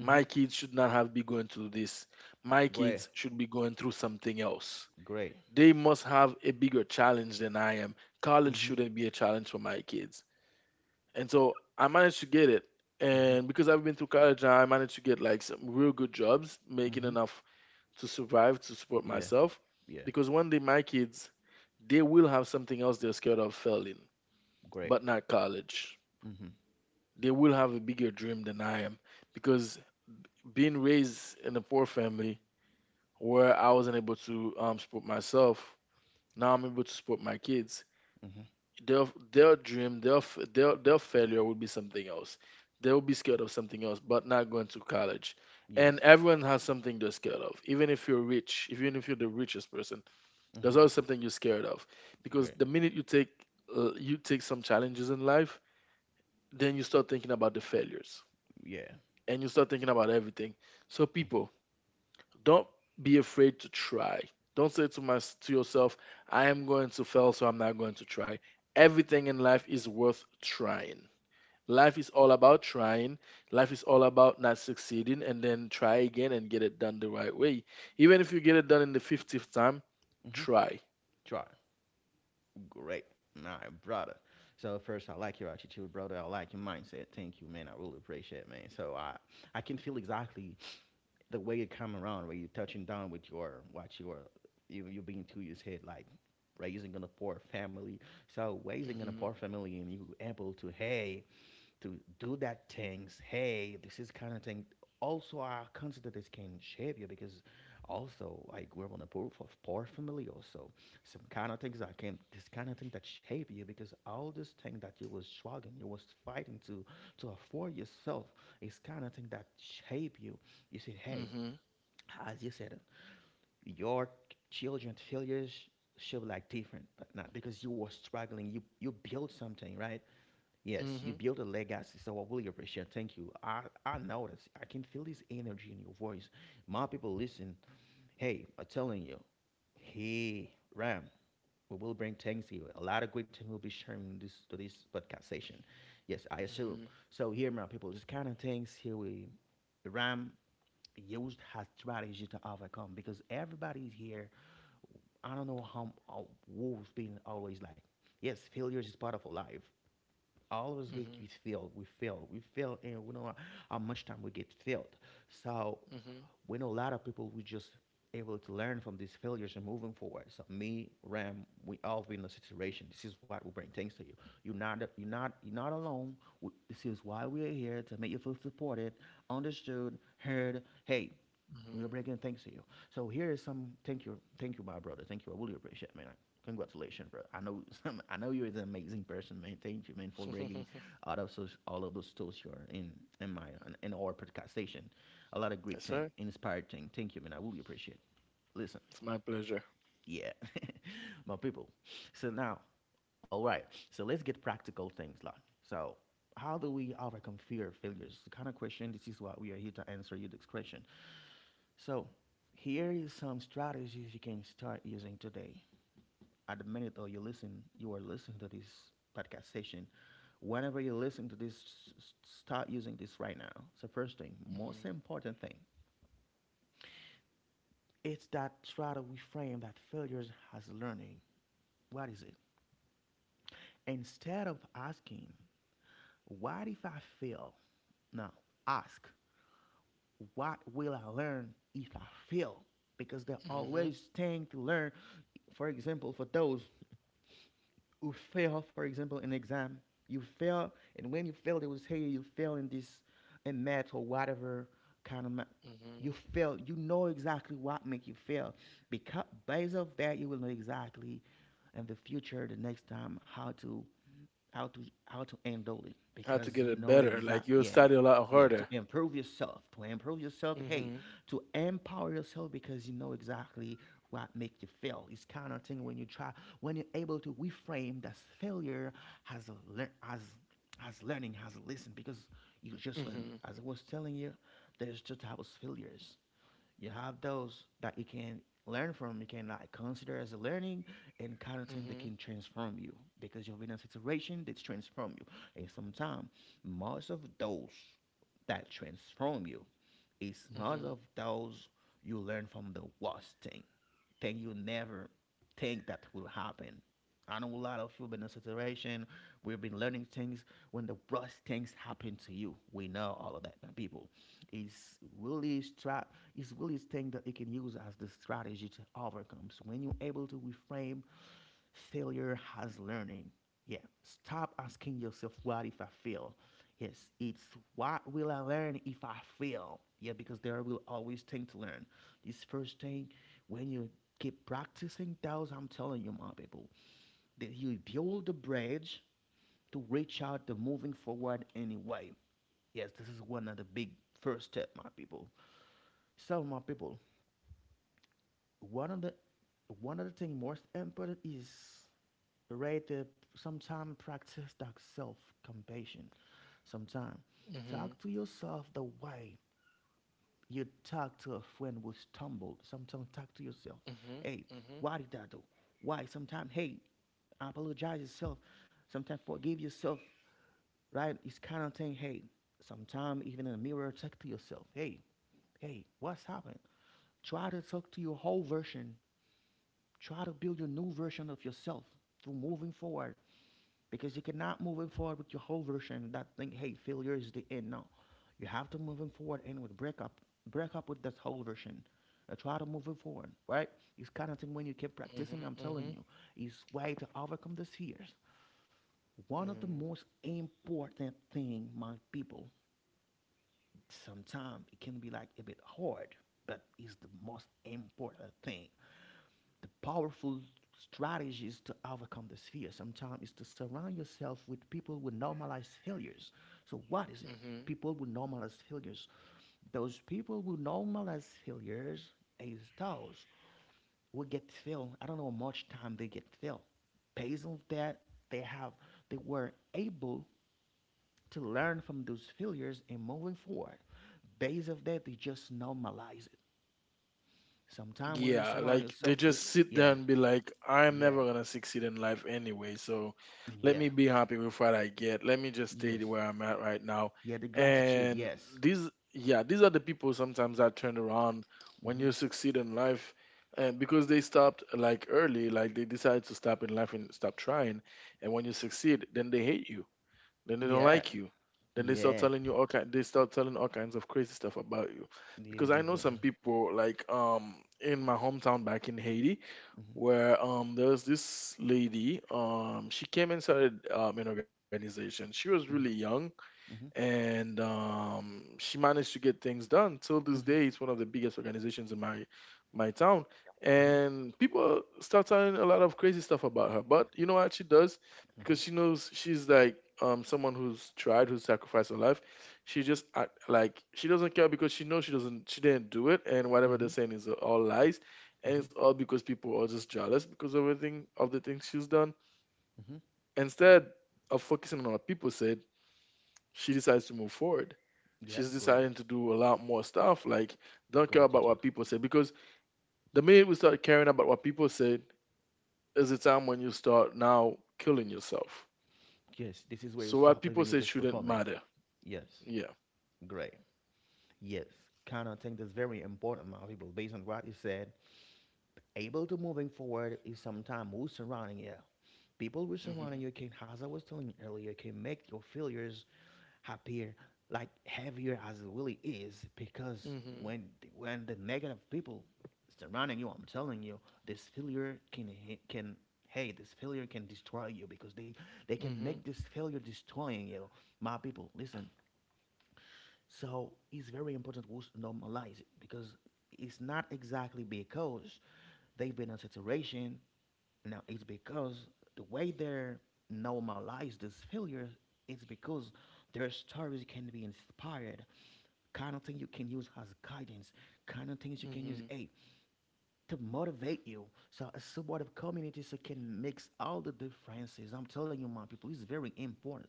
Speaker 2: my kids should not have be going through this. My
Speaker 1: Great.
Speaker 2: kids should be going through something else.
Speaker 1: Great.
Speaker 2: They must have a bigger challenge than I am. College
Speaker 1: Mhm.
Speaker 2: shouldn't be a challenge for my kids. And so I managed to get it.
Speaker 1: Mhm.
Speaker 2: And because I've been through college, I managed to get like some real good jobs, making
Speaker 1: Mhm.
Speaker 2: enough to survive, to support
Speaker 1: Yeah.
Speaker 2: myself.
Speaker 1: Yeah.
Speaker 2: Because one day my kids, they will have something else they're scared of failing,
Speaker 1: Great.
Speaker 2: but not college.
Speaker 1: Mhm.
Speaker 2: They will have a bigger dream than I am. Because being raised in a poor family, where I wasn't able to support myself. Now I'm able to support my kids.
Speaker 1: Mhm.
Speaker 2: Their their dream, their f- their failure will be something else. They will be scared of something else, but not going to college. And
Speaker 1: Yes.
Speaker 2: everyone has something they're scared of. Even if you're rich, even if you're the richest person, there's
Speaker 1: Mhm.
Speaker 2: always something you're scared of. Because
Speaker 1: Great.
Speaker 2: the minute you take some challenges in life, then you start thinking about the failures
Speaker 1: Yeah.
Speaker 2: and you start thinking about everything. So
Speaker 1: Mhm.
Speaker 2: people, don't be afraid to try. Don't say to yourself, I am going to fail, so I'm not going to try. Everything in life is worth trying. Life is all about trying. Life is all about not succeeding and then try again and get it done the right way. Even if you get it done in the 50th time,
Speaker 1: Mhm.
Speaker 2: try.
Speaker 1: Try. Great. All right, brother. So first, I like your attitude, brother. I like your mindset. Thank you, man. I really appreciate, it, man. So I can feel exactly the way you come around, where you're touching down with your what your, you being to your head, like raising in a poor family. So raising in a
Speaker 2: hmm
Speaker 1: poor family, and you able to hey, to do that things. Hey, this is kind of thing. Also, I consider this can shape you because also I grew up on a poor, poor family. Also, some kind of things that came, this kind of thing that shape you because all this thing that you was struggling, you was fighting to afford yourself is kind of thing that shape you. You said, hey,
Speaker 2: hmm
Speaker 1: as you said, your children failures should be like different, but not because you were struggling. You built something, right? Yes, you
Speaker 2: hmm
Speaker 1: build a legacy, so I really appreciate. Thank you. I notice I can feel this energy in your voice. My people listen. Hey, I'm telling you. Hey, Ram, we will bring things here. A lot of great things will be sharing this to this podcast session. Yes, I assume.
Speaker 2: hmm
Speaker 1: So here, my people, this kind of things here we Ram used her strategy to overcome because everybody's here. I don't know how who's been always like. Yes, failures is part of our life always we
Speaker 2: hmm
Speaker 1: get failed, we fail, and we don't know how much time we get failed. So
Speaker 2: hmm
Speaker 1: we know a lot of people we just able to learn from these failures and moving forward. So me, Ram, we all been in a situation. This is what we bring things to you. You're not alone. This is why we are here to make you feel supported, understood, heard. Hey, we are
Speaker 2: hmm
Speaker 1: bringing thanks to you. So here is some thank you, my brother. Thank you. I really appreciate it, man. Congratulations, bro. I know, I know you is an amazing person, man. Thank you, man, for breaking out of those, all of those tools here in my in our podcast station. A lot of great
Speaker 2: Yes,
Speaker 1: thing,
Speaker 2: sir.
Speaker 1: inspired thing. Thank you, man. I really appreciate it. Listen,
Speaker 2: It's my pleasure.
Speaker 1: yeah, my people. So now, all right. So let's get practical things, like so. How do we overcome fear of failures? The kind of question this is what we are here to answer you this question. So here is some strategies you can start using today. At the minute though you are listening to this podcast session. Whenever you listen to this, start using this right now. So first thing, most
Speaker 2: hmm
Speaker 1: important thing, it's that try to reframe that failures as learning. What is it? Instead of asking, what if I fail? Now ask, what will I learn if I fail? Because there are
Speaker 2: hmm
Speaker 1: always things to learn. For example, for those who fail, for example, an exam. You fail, and when you fail, they will say you fail in this, in math or whatever kind of.
Speaker 2: hmm
Speaker 1: You fail. You know exactly what make you fail, because based off that, you will know exactly in the future, the next time, how to how to handle it
Speaker 2: How to
Speaker 1: because
Speaker 2: get
Speaker 1: you
Speaker 2: it
Speaker 1: know
Speaker 2: better?
Speaker 1: exact
Speaker 2: Like you'll
Speaker 1: yeah,
Speaker 2: study a lot
Speaker 1: yeah, to
Speaker 2: harder.
Speaker 1: improve yourself to improve yourself hey,
Speaker 2: Mm-hmm.
Speaker 1: to empower yourself because you know exactly what make you fail. It's kind of thing when you try, when you're able to reframe that failure as a lear- as as learning, as a lesson, because you just learn.
Speaker 2: Mm-hmm.
Speaker 1: As I was telling you, there's two types of failures. You have those that you can learn from, you can like consider as a learning, and kind of thing that
Speaker 2: Mm-hmm.
Speaker 1: can transform you because you've been in a situation that's transform you. And sometimes most of those that transform you is most
Speaker 2: Mm-hmm.
Speaker 1: of those you learn from the worst thing you never think that will happen. I know a lot of you have been in a situation where you've been learning things when the worst things happen to you. We know all of that, my people. It's really stra It's really a thing that you can use as the strategy to overcome. So when you're able to reframe failure has learning. Yeah. Stop asking yourself, what if I fail? Yes, it's what will I learn if I fail? Yeah, because there will always thing to learn. This first thing, when you keep practicing those, I'm telling you, my people, that you build the bridge to reach out the moving forward anyway. Yes, this is one of the big first step, my people. So, my people, one of the one of the thing most important is, right, sometimes practice that self-compassion. Sometimes
Speaker 2: Mm-hmm.
Speaker 1: talk to yourself the way you talk to a friend who stumbled. Sometimes talk to yourself, hey,
Speaker 2: Mm-hmm. Mm-hmm.
Speaker 1: why did I do, why? Sometimes, hey, apologize yourself, sometimes forgive yourself, right? It's kind of thing. Hey, sometimes even in the mirror talk to yourself, hey what's happened? Try to talk to your whole version, try to build your new version of yourself through moving forward, because you cannot move it forward with your whole version, that thing, hey, failure is the end, no. You have to move it forward, and with break up with that whole version. Try to move it forward, right? It's kind of thing when you keep practicing, I'm
Speaker 2: Mm-hmm.
Speaker 1: telling you, it's way to overcome these fears. One of
Speaker 2: Mm-hmm.
Speaker 1: the most important thing, my people, sometimes it can be like a bit hard, but it's the most important thing. The powerful strategies to overcome this fear sometimes is to surround yourself with people who normalize failures. So, what is it?
Speaker 2: Mm-hmm.
Speaker 1: People who normalize failures. Those people who normalize failures is those who get filled. I don't know how much time they get filled. Based on that, they have they were able to learn from those failures and moving forward. Based of that, they just normalize it. Sometimes when you
Speaker 2: Yeah,
Speaker 1: surround
Speaker 2: like they
Speaker 1: yourself with,
Speaker 2: just sit there
Speaker 1: yeah,
Speaker 2: and be like, I'm
Speaker 1: yeah,
Speaker 2: never gonna succeed in life anyway, so let
Speaker 1: yeah,
Speaker 2: me be happy with what I get. Let me just stay
Speaker 1: yes,
Speaker 2: where I'm at right now.
Speaker 1: yeah, the gratitude.
Speaker 2: And
Speaker 1: Yes.
Speaker 2: these, yeah, these are the people sometimes that turn around when
Speaker 1: Hmm.
Speaker 2: you succeed in life, and because they stopped like early, like they decided to stop in life and stop trying. And when you succeed, then they hate you then they don't
Speaker 1: Yeah.
Speaker 2: like you. Then they start
Speaker 1: Yeah.
Speaker 2: telling you all kind, they start telling all kinds of crazy stuff about you.
Speaker 1: Need to
Speaker 2: Because I
Speaker 1: get
Speaker 2: know
Speaker 1: good.
Speaker 2: some people like in my hometown back in Haiti,
Speaker 1: Mhm,
Speaker 2: where there's this lady, she came and started an organization. She was really
Speaker 1: mhm,
Speaker 2: young
Speaker 1: mhm,
Speaker 2: and she managed to get things done. Till this
Speaker 1: mhm,
Speaker 2: day, it's one of the biggest organizations in my town,
Speaker 1: mhm,
Speaker 2: and people start telling a lot of crazy stuff about her. But you know what she does,
Speaker 1: mhm,
Speaker 2: because she knows she's like someone who's tried, who's sacrificed her life. She just act like she doesn't care because she knows she doesn't, she didn't do it, and whatever
Speaker 1: mhm,
Speaker 2: they're saying is all lies, and
Speaker 1: mhm,
Speaker 2: it's all because people are just jealous because of everything of the things she's done.
Speaker 1: mhm.
Speaker 2: Instead of focusing on what people said, she decides to move forward.
Speaker 1: Yeah.
Speaker 2: She's
Speaker 1: Great.
Speaker 2: deciding to do a lot more stuff. Like, don't care about
Speaker 1: Gratitude.
Speaker 2: what people say because the minute we start caring about what people say is the time when you start now killing yourself.
Speaker 1: Yes. This is where you
Speaker 2: So what
Speaker 1: stop
Speaker 2: people
Speaker 1: living. You're
Speaker 2: say
Speaker 1: just
Speaker 2: shouldn't
Speaker 1: performing.
Speaker 2: matter.
Speaker 1: Yes.
Speaker 2: Yeah.
Speaker 1: Great. Yes. Kind of think that's very important, my people. Based on what you said, able to moving forward is sometimes who's surrounding you. People who's surrounding
Speaker 2: Mhm.
Speaker 1: you can, as I was telling you earlier, can make your failures appear like heavier as it really is because
Speaker 2: Mhm.
Speaker 1: when the negative people surrounding you, I'm telling you, this failure can ha- can hey, this failure can destroy you because they can make
Speaker 2: Mhm.
Speaker 1: this failure destroying you. My people, listen, so it's very important we should normalize it because it's not exactly because they've been in saturation. Now it's because the way they're normalize this failure, it's because their stories can be inspired. Kind of thing you can use as guidance. Kind of things you can use.
Speaker 2: Mhm.
Speaker 1: Hey, to motivate you. So a supportive community so can mix all the differences. I'm telling you, my people, it's very important.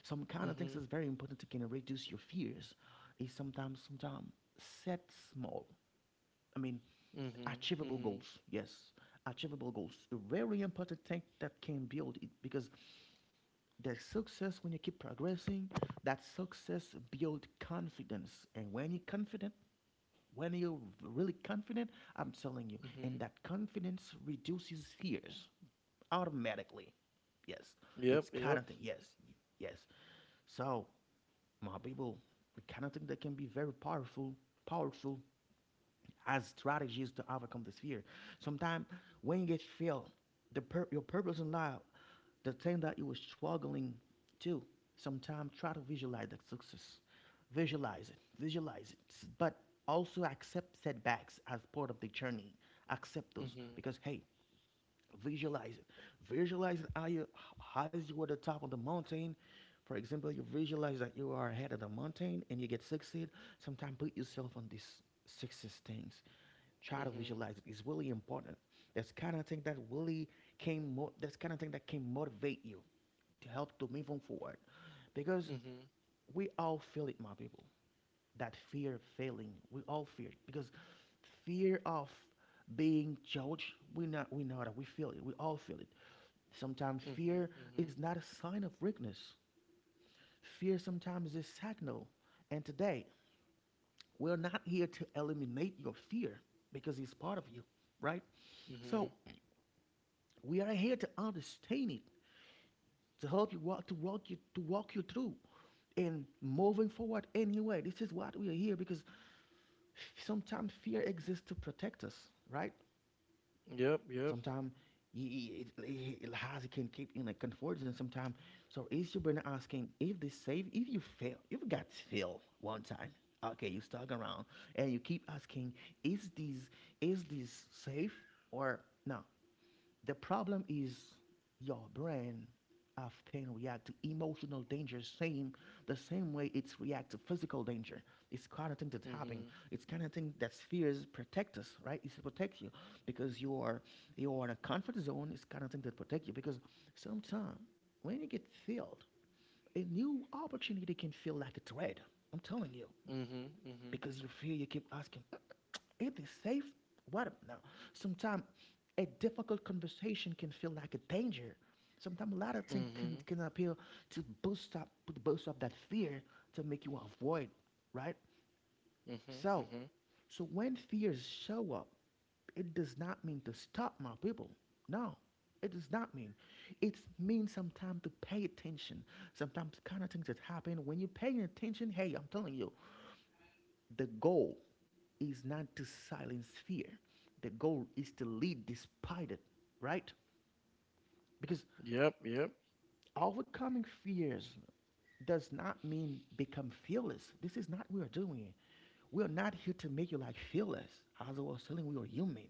Speaker 1: Some kind of things
Speaker 2: Mhm.
Speaker 1: is very important to can reduce your fears. Is sometimes set small. I mean,
Speaker 2: Mhm.
Speaker 1: achievable
Speaker 2: Mhm.
Speaker 1: goals. Yes, achievable goals. A very important thing that can build it because the success when you keep progressing, that success build confidence, and when you're confident, when you're really confident, I'm telling you, and
Speaker 2: Mhm.
Speaker 1: that confidence reduces fears automatically. Yes, it's
Speaker 2: Yep.
Speaker 1: kind
Speaker 2: Yep.
Speaker 1: of thing. Yes, yes. So, my people, the kind of thing that can be very powerful, powerful as strategies to overcome this fear. Sometimes when you get failed, your purpose in life, the thing that you were struggling to, sometimes try to visualize that success, visualize it, but also accept setbacks as part of the journey. Accept those
Speaker 2: Mhm.
Speaker 1: because hey, visualize it. Visualize it, how you at the top of the mountain. For example, you visualize that you are ahead of the mountain and you get succeed. Sometimes put yourself on these success things. Try to
Speaker 2: Mhm.
Speaker 1: visualize it. It's really important. That's kind of thing that really came. That's kind of thing that can motivate you to help to move on forward, because
Speaker 2: Mhm.
Speaker 1: we all feel it, my people, that fear failing. We all fear it because fear of being judged. We not we know that we feel it. We all feel it. Sometimes
Speaker 2: Mhm.
Speaker 1: fear
Speaker 2: Mhm.
Speaker 1: is not a sign of weakness. Fear sometimes is a signal. And today we're not here to eliminate your fear because it's part of you, right?
Speaker 2: Mhm.
Speaker 1: So we are here to understand it, to help you walk, to walk you through, and moving forward anyway. This is what we are here because sometimes fear exists to protect us, right?
Speaker 2: Yep. Yep.
Speaker 1: Sometimes it can keep in a comfort zone sometimes. So is your brain asking if they save, if you fail, if you got fail one time, okay, you stuck around and you keep asking, is this, is this safe or no? The problem is your brain often react to emotional danger, same the same way it's react to physical danger. It's kind of thing that's happening.
Speaker 2: Mhm.
Speaker 1: It's kind of thing that fears protect us, right? It's to protect you because you are in a comfort zone. It's kind of thing that protect you because sometimes when you get filled, a new opportunity can feel like a threat. I'm telling you
Speaker 2: Mhm. Mhm.
Speaker 1: because you feel you keep asking, "Is this safe? What ab- no?" Sometimes a difficult conversation can feel like a danger. Sometimes a lot of things
Speaker 2: Mhm.
Speaker 1: can, appeal to boost up that fear to make you avoid, right?
Speaker 2: Mhm.
Speaker 1: So,
Speaker 2: Mhm.
Speaker 1: so when fears show up, it does not mean to stop, my people. No, it does not mean. It means sometimes to pay attention. Sometimes kind of things that happen when you're paying attention. Hey, I'm telling you, the goal is not to silence fear. The goal is to lead despite it, right? Because
Speaker 2: Yep. Yep.
Speaker 1: overcoming fears does not mean become fearless. This is not what we're doing. We're not here to make you like fearless. As I was telling, we are human.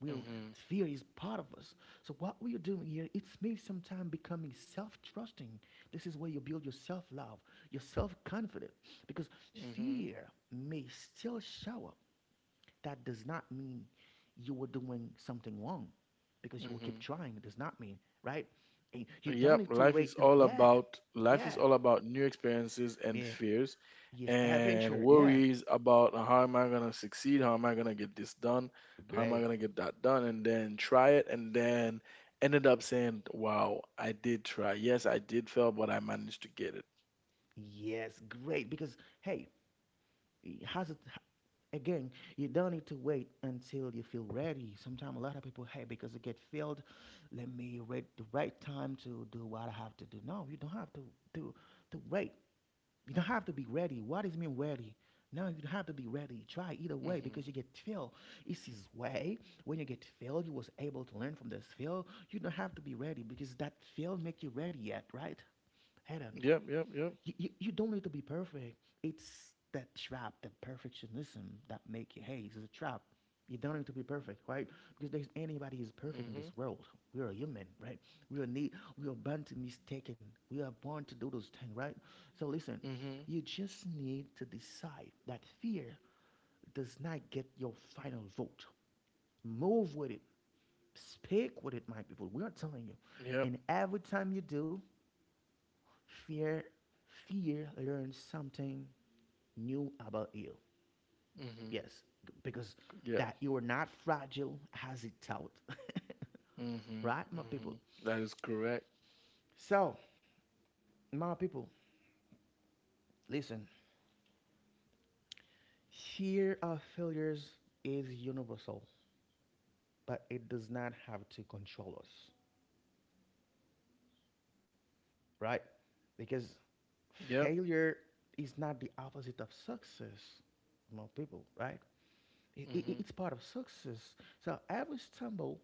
Speaker 1: We'll,
Speaker 2: Mm-hmm.
Speaker 1: fear is part of us. So what we are doing here, it's me sometimes becoming self-trusting. This is where you build your self-love, your self-confidence, because
Speaker 2: Mm-hmm.
Speaker 1: fear may still show up, that does not mean you were doing something wrong because you will keep
Speaker 2: Mm-hmm.
Speaker 1: trying. It does not mean, right? And you don't
Speaker 2: Yep,
Speaker 1: need to
Speaker 2: life
Speaker 1: wait.
Speaker 2: is
Speaker 1: And,
Speaker 2: all
Speaker 1: yeah,
Speaker 2: about life
Speaker 1: yeah,
Speaker 2: is all about new experiences and
Speaker 1: yeah.
Speaker 2: fears
Speaker 1: Yes,
Speaker 2: and
Speaker 1: adventure. Yeah,
Speaker 2: worries about how am I gonna succeed, how am I gonna get this done, how am I
Speaker 1: great.
Speaker 2: gonna get that done, and then try it and then ended up saying, wow, I did try. Yes, I did fail, but I managed to get it.
Speaker 1: Yes, great. Because, hey, it again, you don't need to wait until you feel ready. Sometimes a lot of people, hey, because I get filled, let me wait the right time to do what I have to do. No, you don't have to, do to wait. You don't have to be ready. What does it mean ready? No, you don't have to be ready. Try either way because
Speaker 2: Mm-hmm.
Speaker 1: you get filled. It's his way. When you get filled, you was able to learn from this fill. You don't have to be ready because that fill make you ready yet, right? Eden.
Speaker 2: Yep, yep, yep.
Speaker 1: You don't need to be perfect. It's that trap, the perfectionism that make you, hey, this is a trap. You don't need to be perfect, right? Because there's anybody who's
Speaker 2: Mm-hmm.
Speaker 1: perfect in this world. We are human, right? We are need, we are born to mistaken. We are born to do those things, right? So listen,
Speaker 2: Mm-hmm.
Speaker 1: you just need to decide that fear does not get your final vote. Move with it. Speak with it, my people. We are telling you.
Speaker 2: Yep.
Speaker 1: And every time you do, Fear, fear learns something new about you.
Speaker 2: Mm-hmm.
Speaker 1: Yes, because
Speaker 2: Yep.
Speaker 1: that you are not fragile as it thought.
Speaker 2: Mm-hmm.
Speaker 1: Right, my
Speaker 2: Mm-hmm.
Speaker 1: people?
Speaker 2: That is correct.
Speaker 1: So, my people, listen. Fear of failures is universal, but it does not have to control us, right? Because
Speaker 2: Yep.
Speaker 1: failure is not the opposite of success, my people, right? It, it,
Speaker 2: Mm-hmm.
Speaker 1: it's part of success. So every stumble.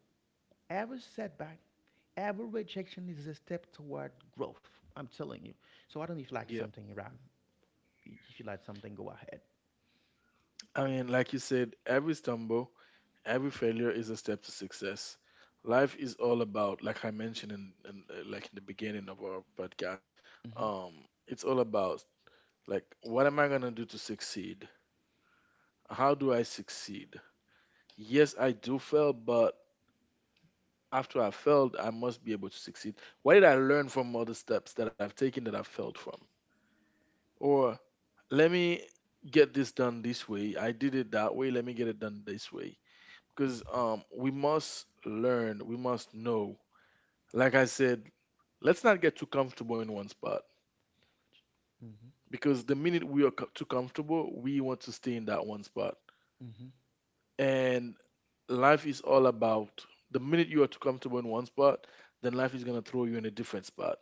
Speaker 1: Every setback, every rejection is a step toward growth. I'm telling you. So I don't know if you like
Speaker 2: Yep.
Speaker 1: something, Ram. If you like something, go ahead.
Speaker 2: I mean, like you said, every stumble, every failure is a step to success. Life is all about, like I mentioned in like in the beginning of our podcast,
Speaker 1: Hmm.
Speaker 2: um, it's all about like what am I gonna do to succeed? How do I succeed? Yes, I do fail, but after I failed, I must be able to succeed. What did I learn from all the steps that I've taken that I failed from? Or let me get this done this way. I did it that way. Let me get it done this way because we must learn we must know like I said, let's not get too comfortable in one spot
Speaker 1: Hmm.
Speaker 2: because the minute too comfortable we want to stay in that one spot
Speaker 1: Hmm.
Speaker 2: and life is all about the minute you are too comfortable in one spot, then life is going to throw you in a different spot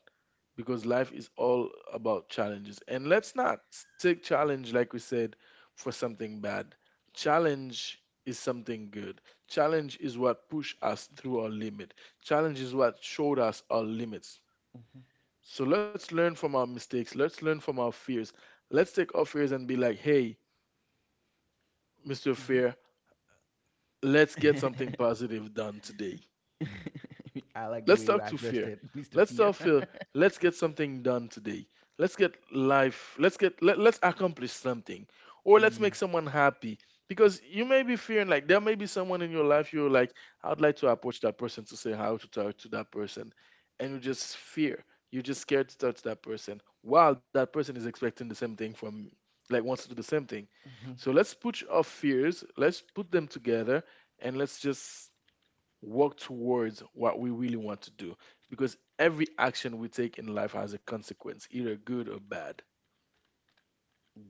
Speaker 2: because life is all about challenges. And let's not s- take challenge, like we said, for something bad. Challenge is something good. Challenge is what pushed us through our limit. Challenge is what showed us our limits. So let's learn from our mistakes. Let's learn from our fears. Let's take our fears and be like, hey, Mr.
Speaker 1: Hmm.
Speaker 2: Fear, let's get something
Speaker 1: Hmm.
Speaker 2: positive done today.
Speaker 1: I like the
Speaker 2: Let's
Speaker 1: way you
Speaker 2: talk to
Speaker 1: addressed
Speaker 2: fear.
Speaker 1: it, Mr.
Speaker 2: Let's
Speaker 1: Fear.
Speaker 2: talk fear. Let's get something done today. Let's get life. Let's accomplish something. Or let's make
Speaker 1: Ye-
Speaker 2: someone happy. Because you may be fearing like there may be someone in your life you're like, I'd like to approach that person to say how to talk to that person. And you just fear. You're just scared to talk to that person. While that person is expecting the same thing from you. Like wants to do the same thing.
Speaker 1: mhm.
Speaker 2: So let's put them together and let's just work towards what we really want to do because every action we take in life has a consequence, either good or bad.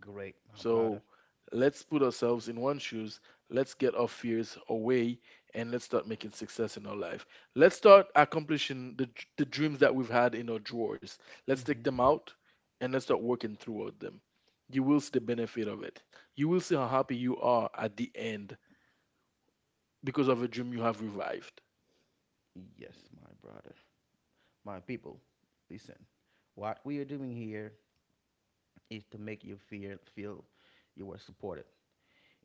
Speaker 1: Great, my
Speaker 2: So
Speaker 1: brother.
Speaker 2: let's put ourselves in one shoes, let's get our fears away, and let's start making success in our life. Let's start accomplishing the dreams that we've had in our drawers. Let's take
Speaker 1: Hmm.
Speaker 2: them out and let's start working throughout them. You will see the benefit of it. You will see how happy you are at the end because of a dream you have revived.
Speaker 1: Yes, my brother. My people, listen. What we are doing here is to make you feel you are supported.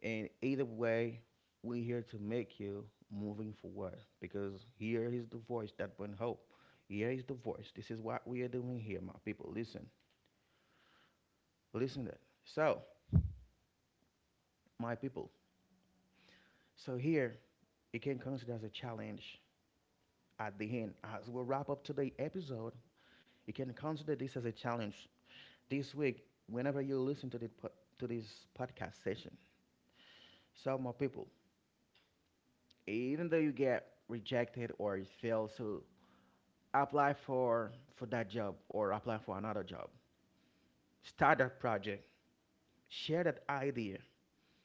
Speaker 1: And either way, we're here to make you moving forward because here is the voice that bring hope. Here is the voice. This is what we are doing here, my people. Listen, listen to that. So, my people, so here it can consider as a challenge at the end. As we wrap up today's episode, you can consider this as a challenge this week whenever you listen to the to this podcast session. So, my people, even though you get rejected or you fail, so apply for that job or apply for another job, start that project, share that idea,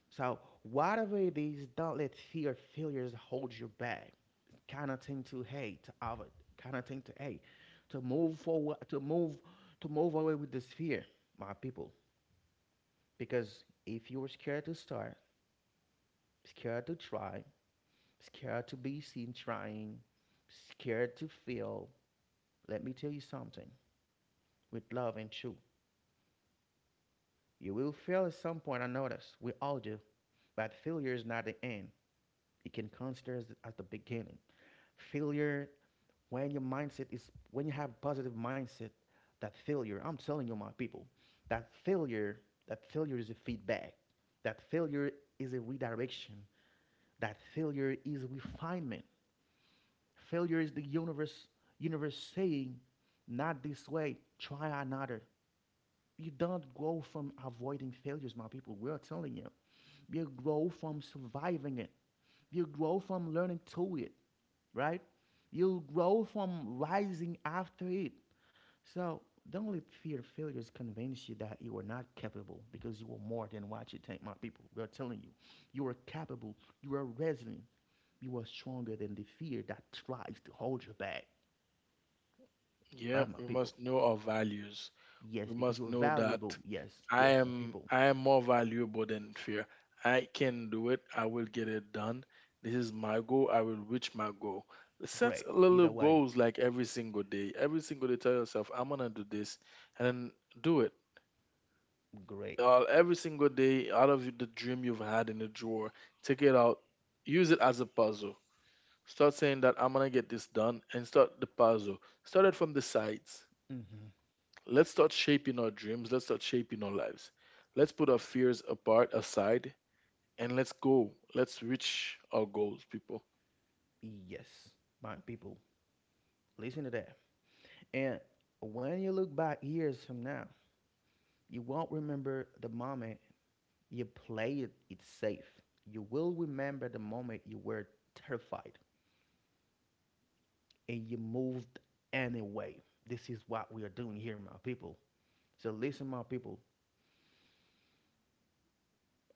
Speaker 1: so whatever it is, don't let fear of failures hold you back, kind of thing to hey to have, kind of thing to hey, to move forward, to move away with this fear, my people, because if you're scared to start, scared to try, scared to be seen trying, scared to fail, let me tell you something with love and truth. You will fail at some point, I notice. We all do. But failure is not the end. It can consider as the beginning. Failure, when your mindset is, when you have positive mindset, that failure, I'm telling you, my people, that failure, that failure is a feedback. That failure is a redirection. That failure is refinement. Failure is the universe saying, not this way, try another. You don't go from avoiding failures, my people. We are telling you. You grow from surviving it. You grow from learning to it, right? You grow from rising after it. So don't let fear of failures convince you that you are not capable because you are more than what you think, my people. We are telling you, you are capable, you are resilient, you are stronger than the fear that tries to hold you back. All right,
Speaker 2: Yep,
Speaker 1: my
Speaker 2: we
Speaker 1: people.
Speaker 2: must know our values.
Speaker 1: Yes,
Speaker 2: We
Speaker 1: because
Speaker 2: must
Speaker 1: you're
Speaker 2: know that
Speaker 1: valuable. Yes, yes, my people.
Speaker 2: I am more valuable than fear. I can do it. I will get it done. This is my goal. I will reach my goal. Set
Speaker 1: Great.
Speaker 2: little
Speaker 1: Either way,
Speaker 2: goals like every single day. Every single day, tell yourself, I'm gonna do this, and then do it.
Speaker 1: great.
Speaker 2: Every single day, out of the dream you've had in the drawer, take it out. Use it as a puzzle. Start saying that I'm gonna get this done, and start the puzzle. Start it from the sides
Speaker 1: Hmm.
Speaker 2: Let's start shaping our dreams. Let's start shaping our lives. Let's put our fears apart, aside, and let's go. Let's reach our goals, people.
Speaker 1: Yes, my people. Listen to that. And when you look back years from now, you won't remember the moment you played it safe. You will remember the moment you were terrified and you moved anyway. This is what we are doing here, my people. So listen, my people.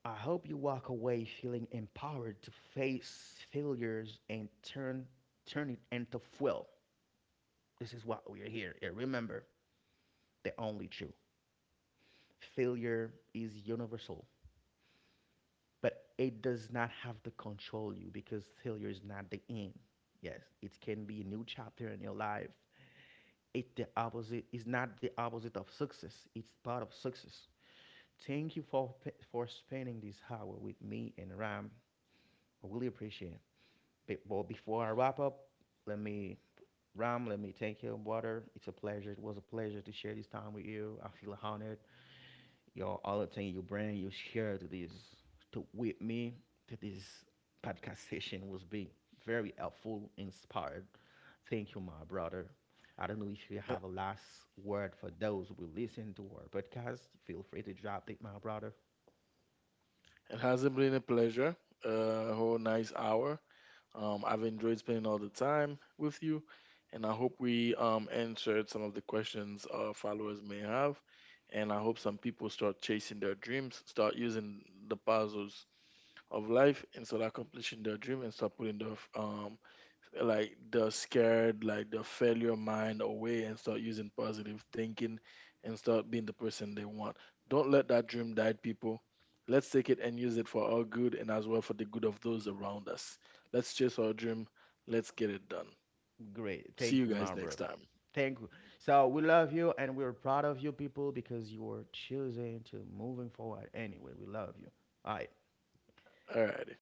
Speaker 1: I hope you walk away feeling empowered to face failures and turn it into fuel. This is what we are here. And remember, the only true failure is universal, but it does not have to control you because failure is not the end. Yes, it can be a new chapter in your life. It the opposite is not the opposite of success. It's part of success. Thank you for spending this hour with me and Ram. I really appreciate it. But, well, before I wrap up, let me, Ram, let me thank you, brother. It's a pleasure. It was a pleasure to share this time with you. I feel honored. Your all the thing you bring, you share to this to with me to this podcast session was be very helpful, inspired. Thank you, my brother. I don't know if you
Speaker 2: Uh,
Speaker 1: have a last word for those who will listen to our podcast. Feel free to drop it, my brother.
Speaker 2: It hasn't been a pleasure. A whole nice hour. I've enjoyed spending all the time with you, and I hope we answered some of the questions our followers may have. And I hope some people start chasing their dreams, start using the puzzles of life, and start accomplishing their dream, and start putting their like the scared, like the failure mind away and start using positive thinking and start being the person they want. Don't let that dream die, people. Let's take it and use it for our good and as well for the good of those around us. Let's chase our dream. Let's get it done.
Speaker 1: Great.
Speaker 2: See
Speaker 1: Thank
Speaker 2: you
Speaker 1: you, my
Speaker 2: guys next
Speaker 1: brother.
Speaker 2: time.
Speaker 1: Thank you. So we love you and we're proud of you people because you are choosing to moving forward anyway. We love you. All right.
Speaker 2: Alrighty.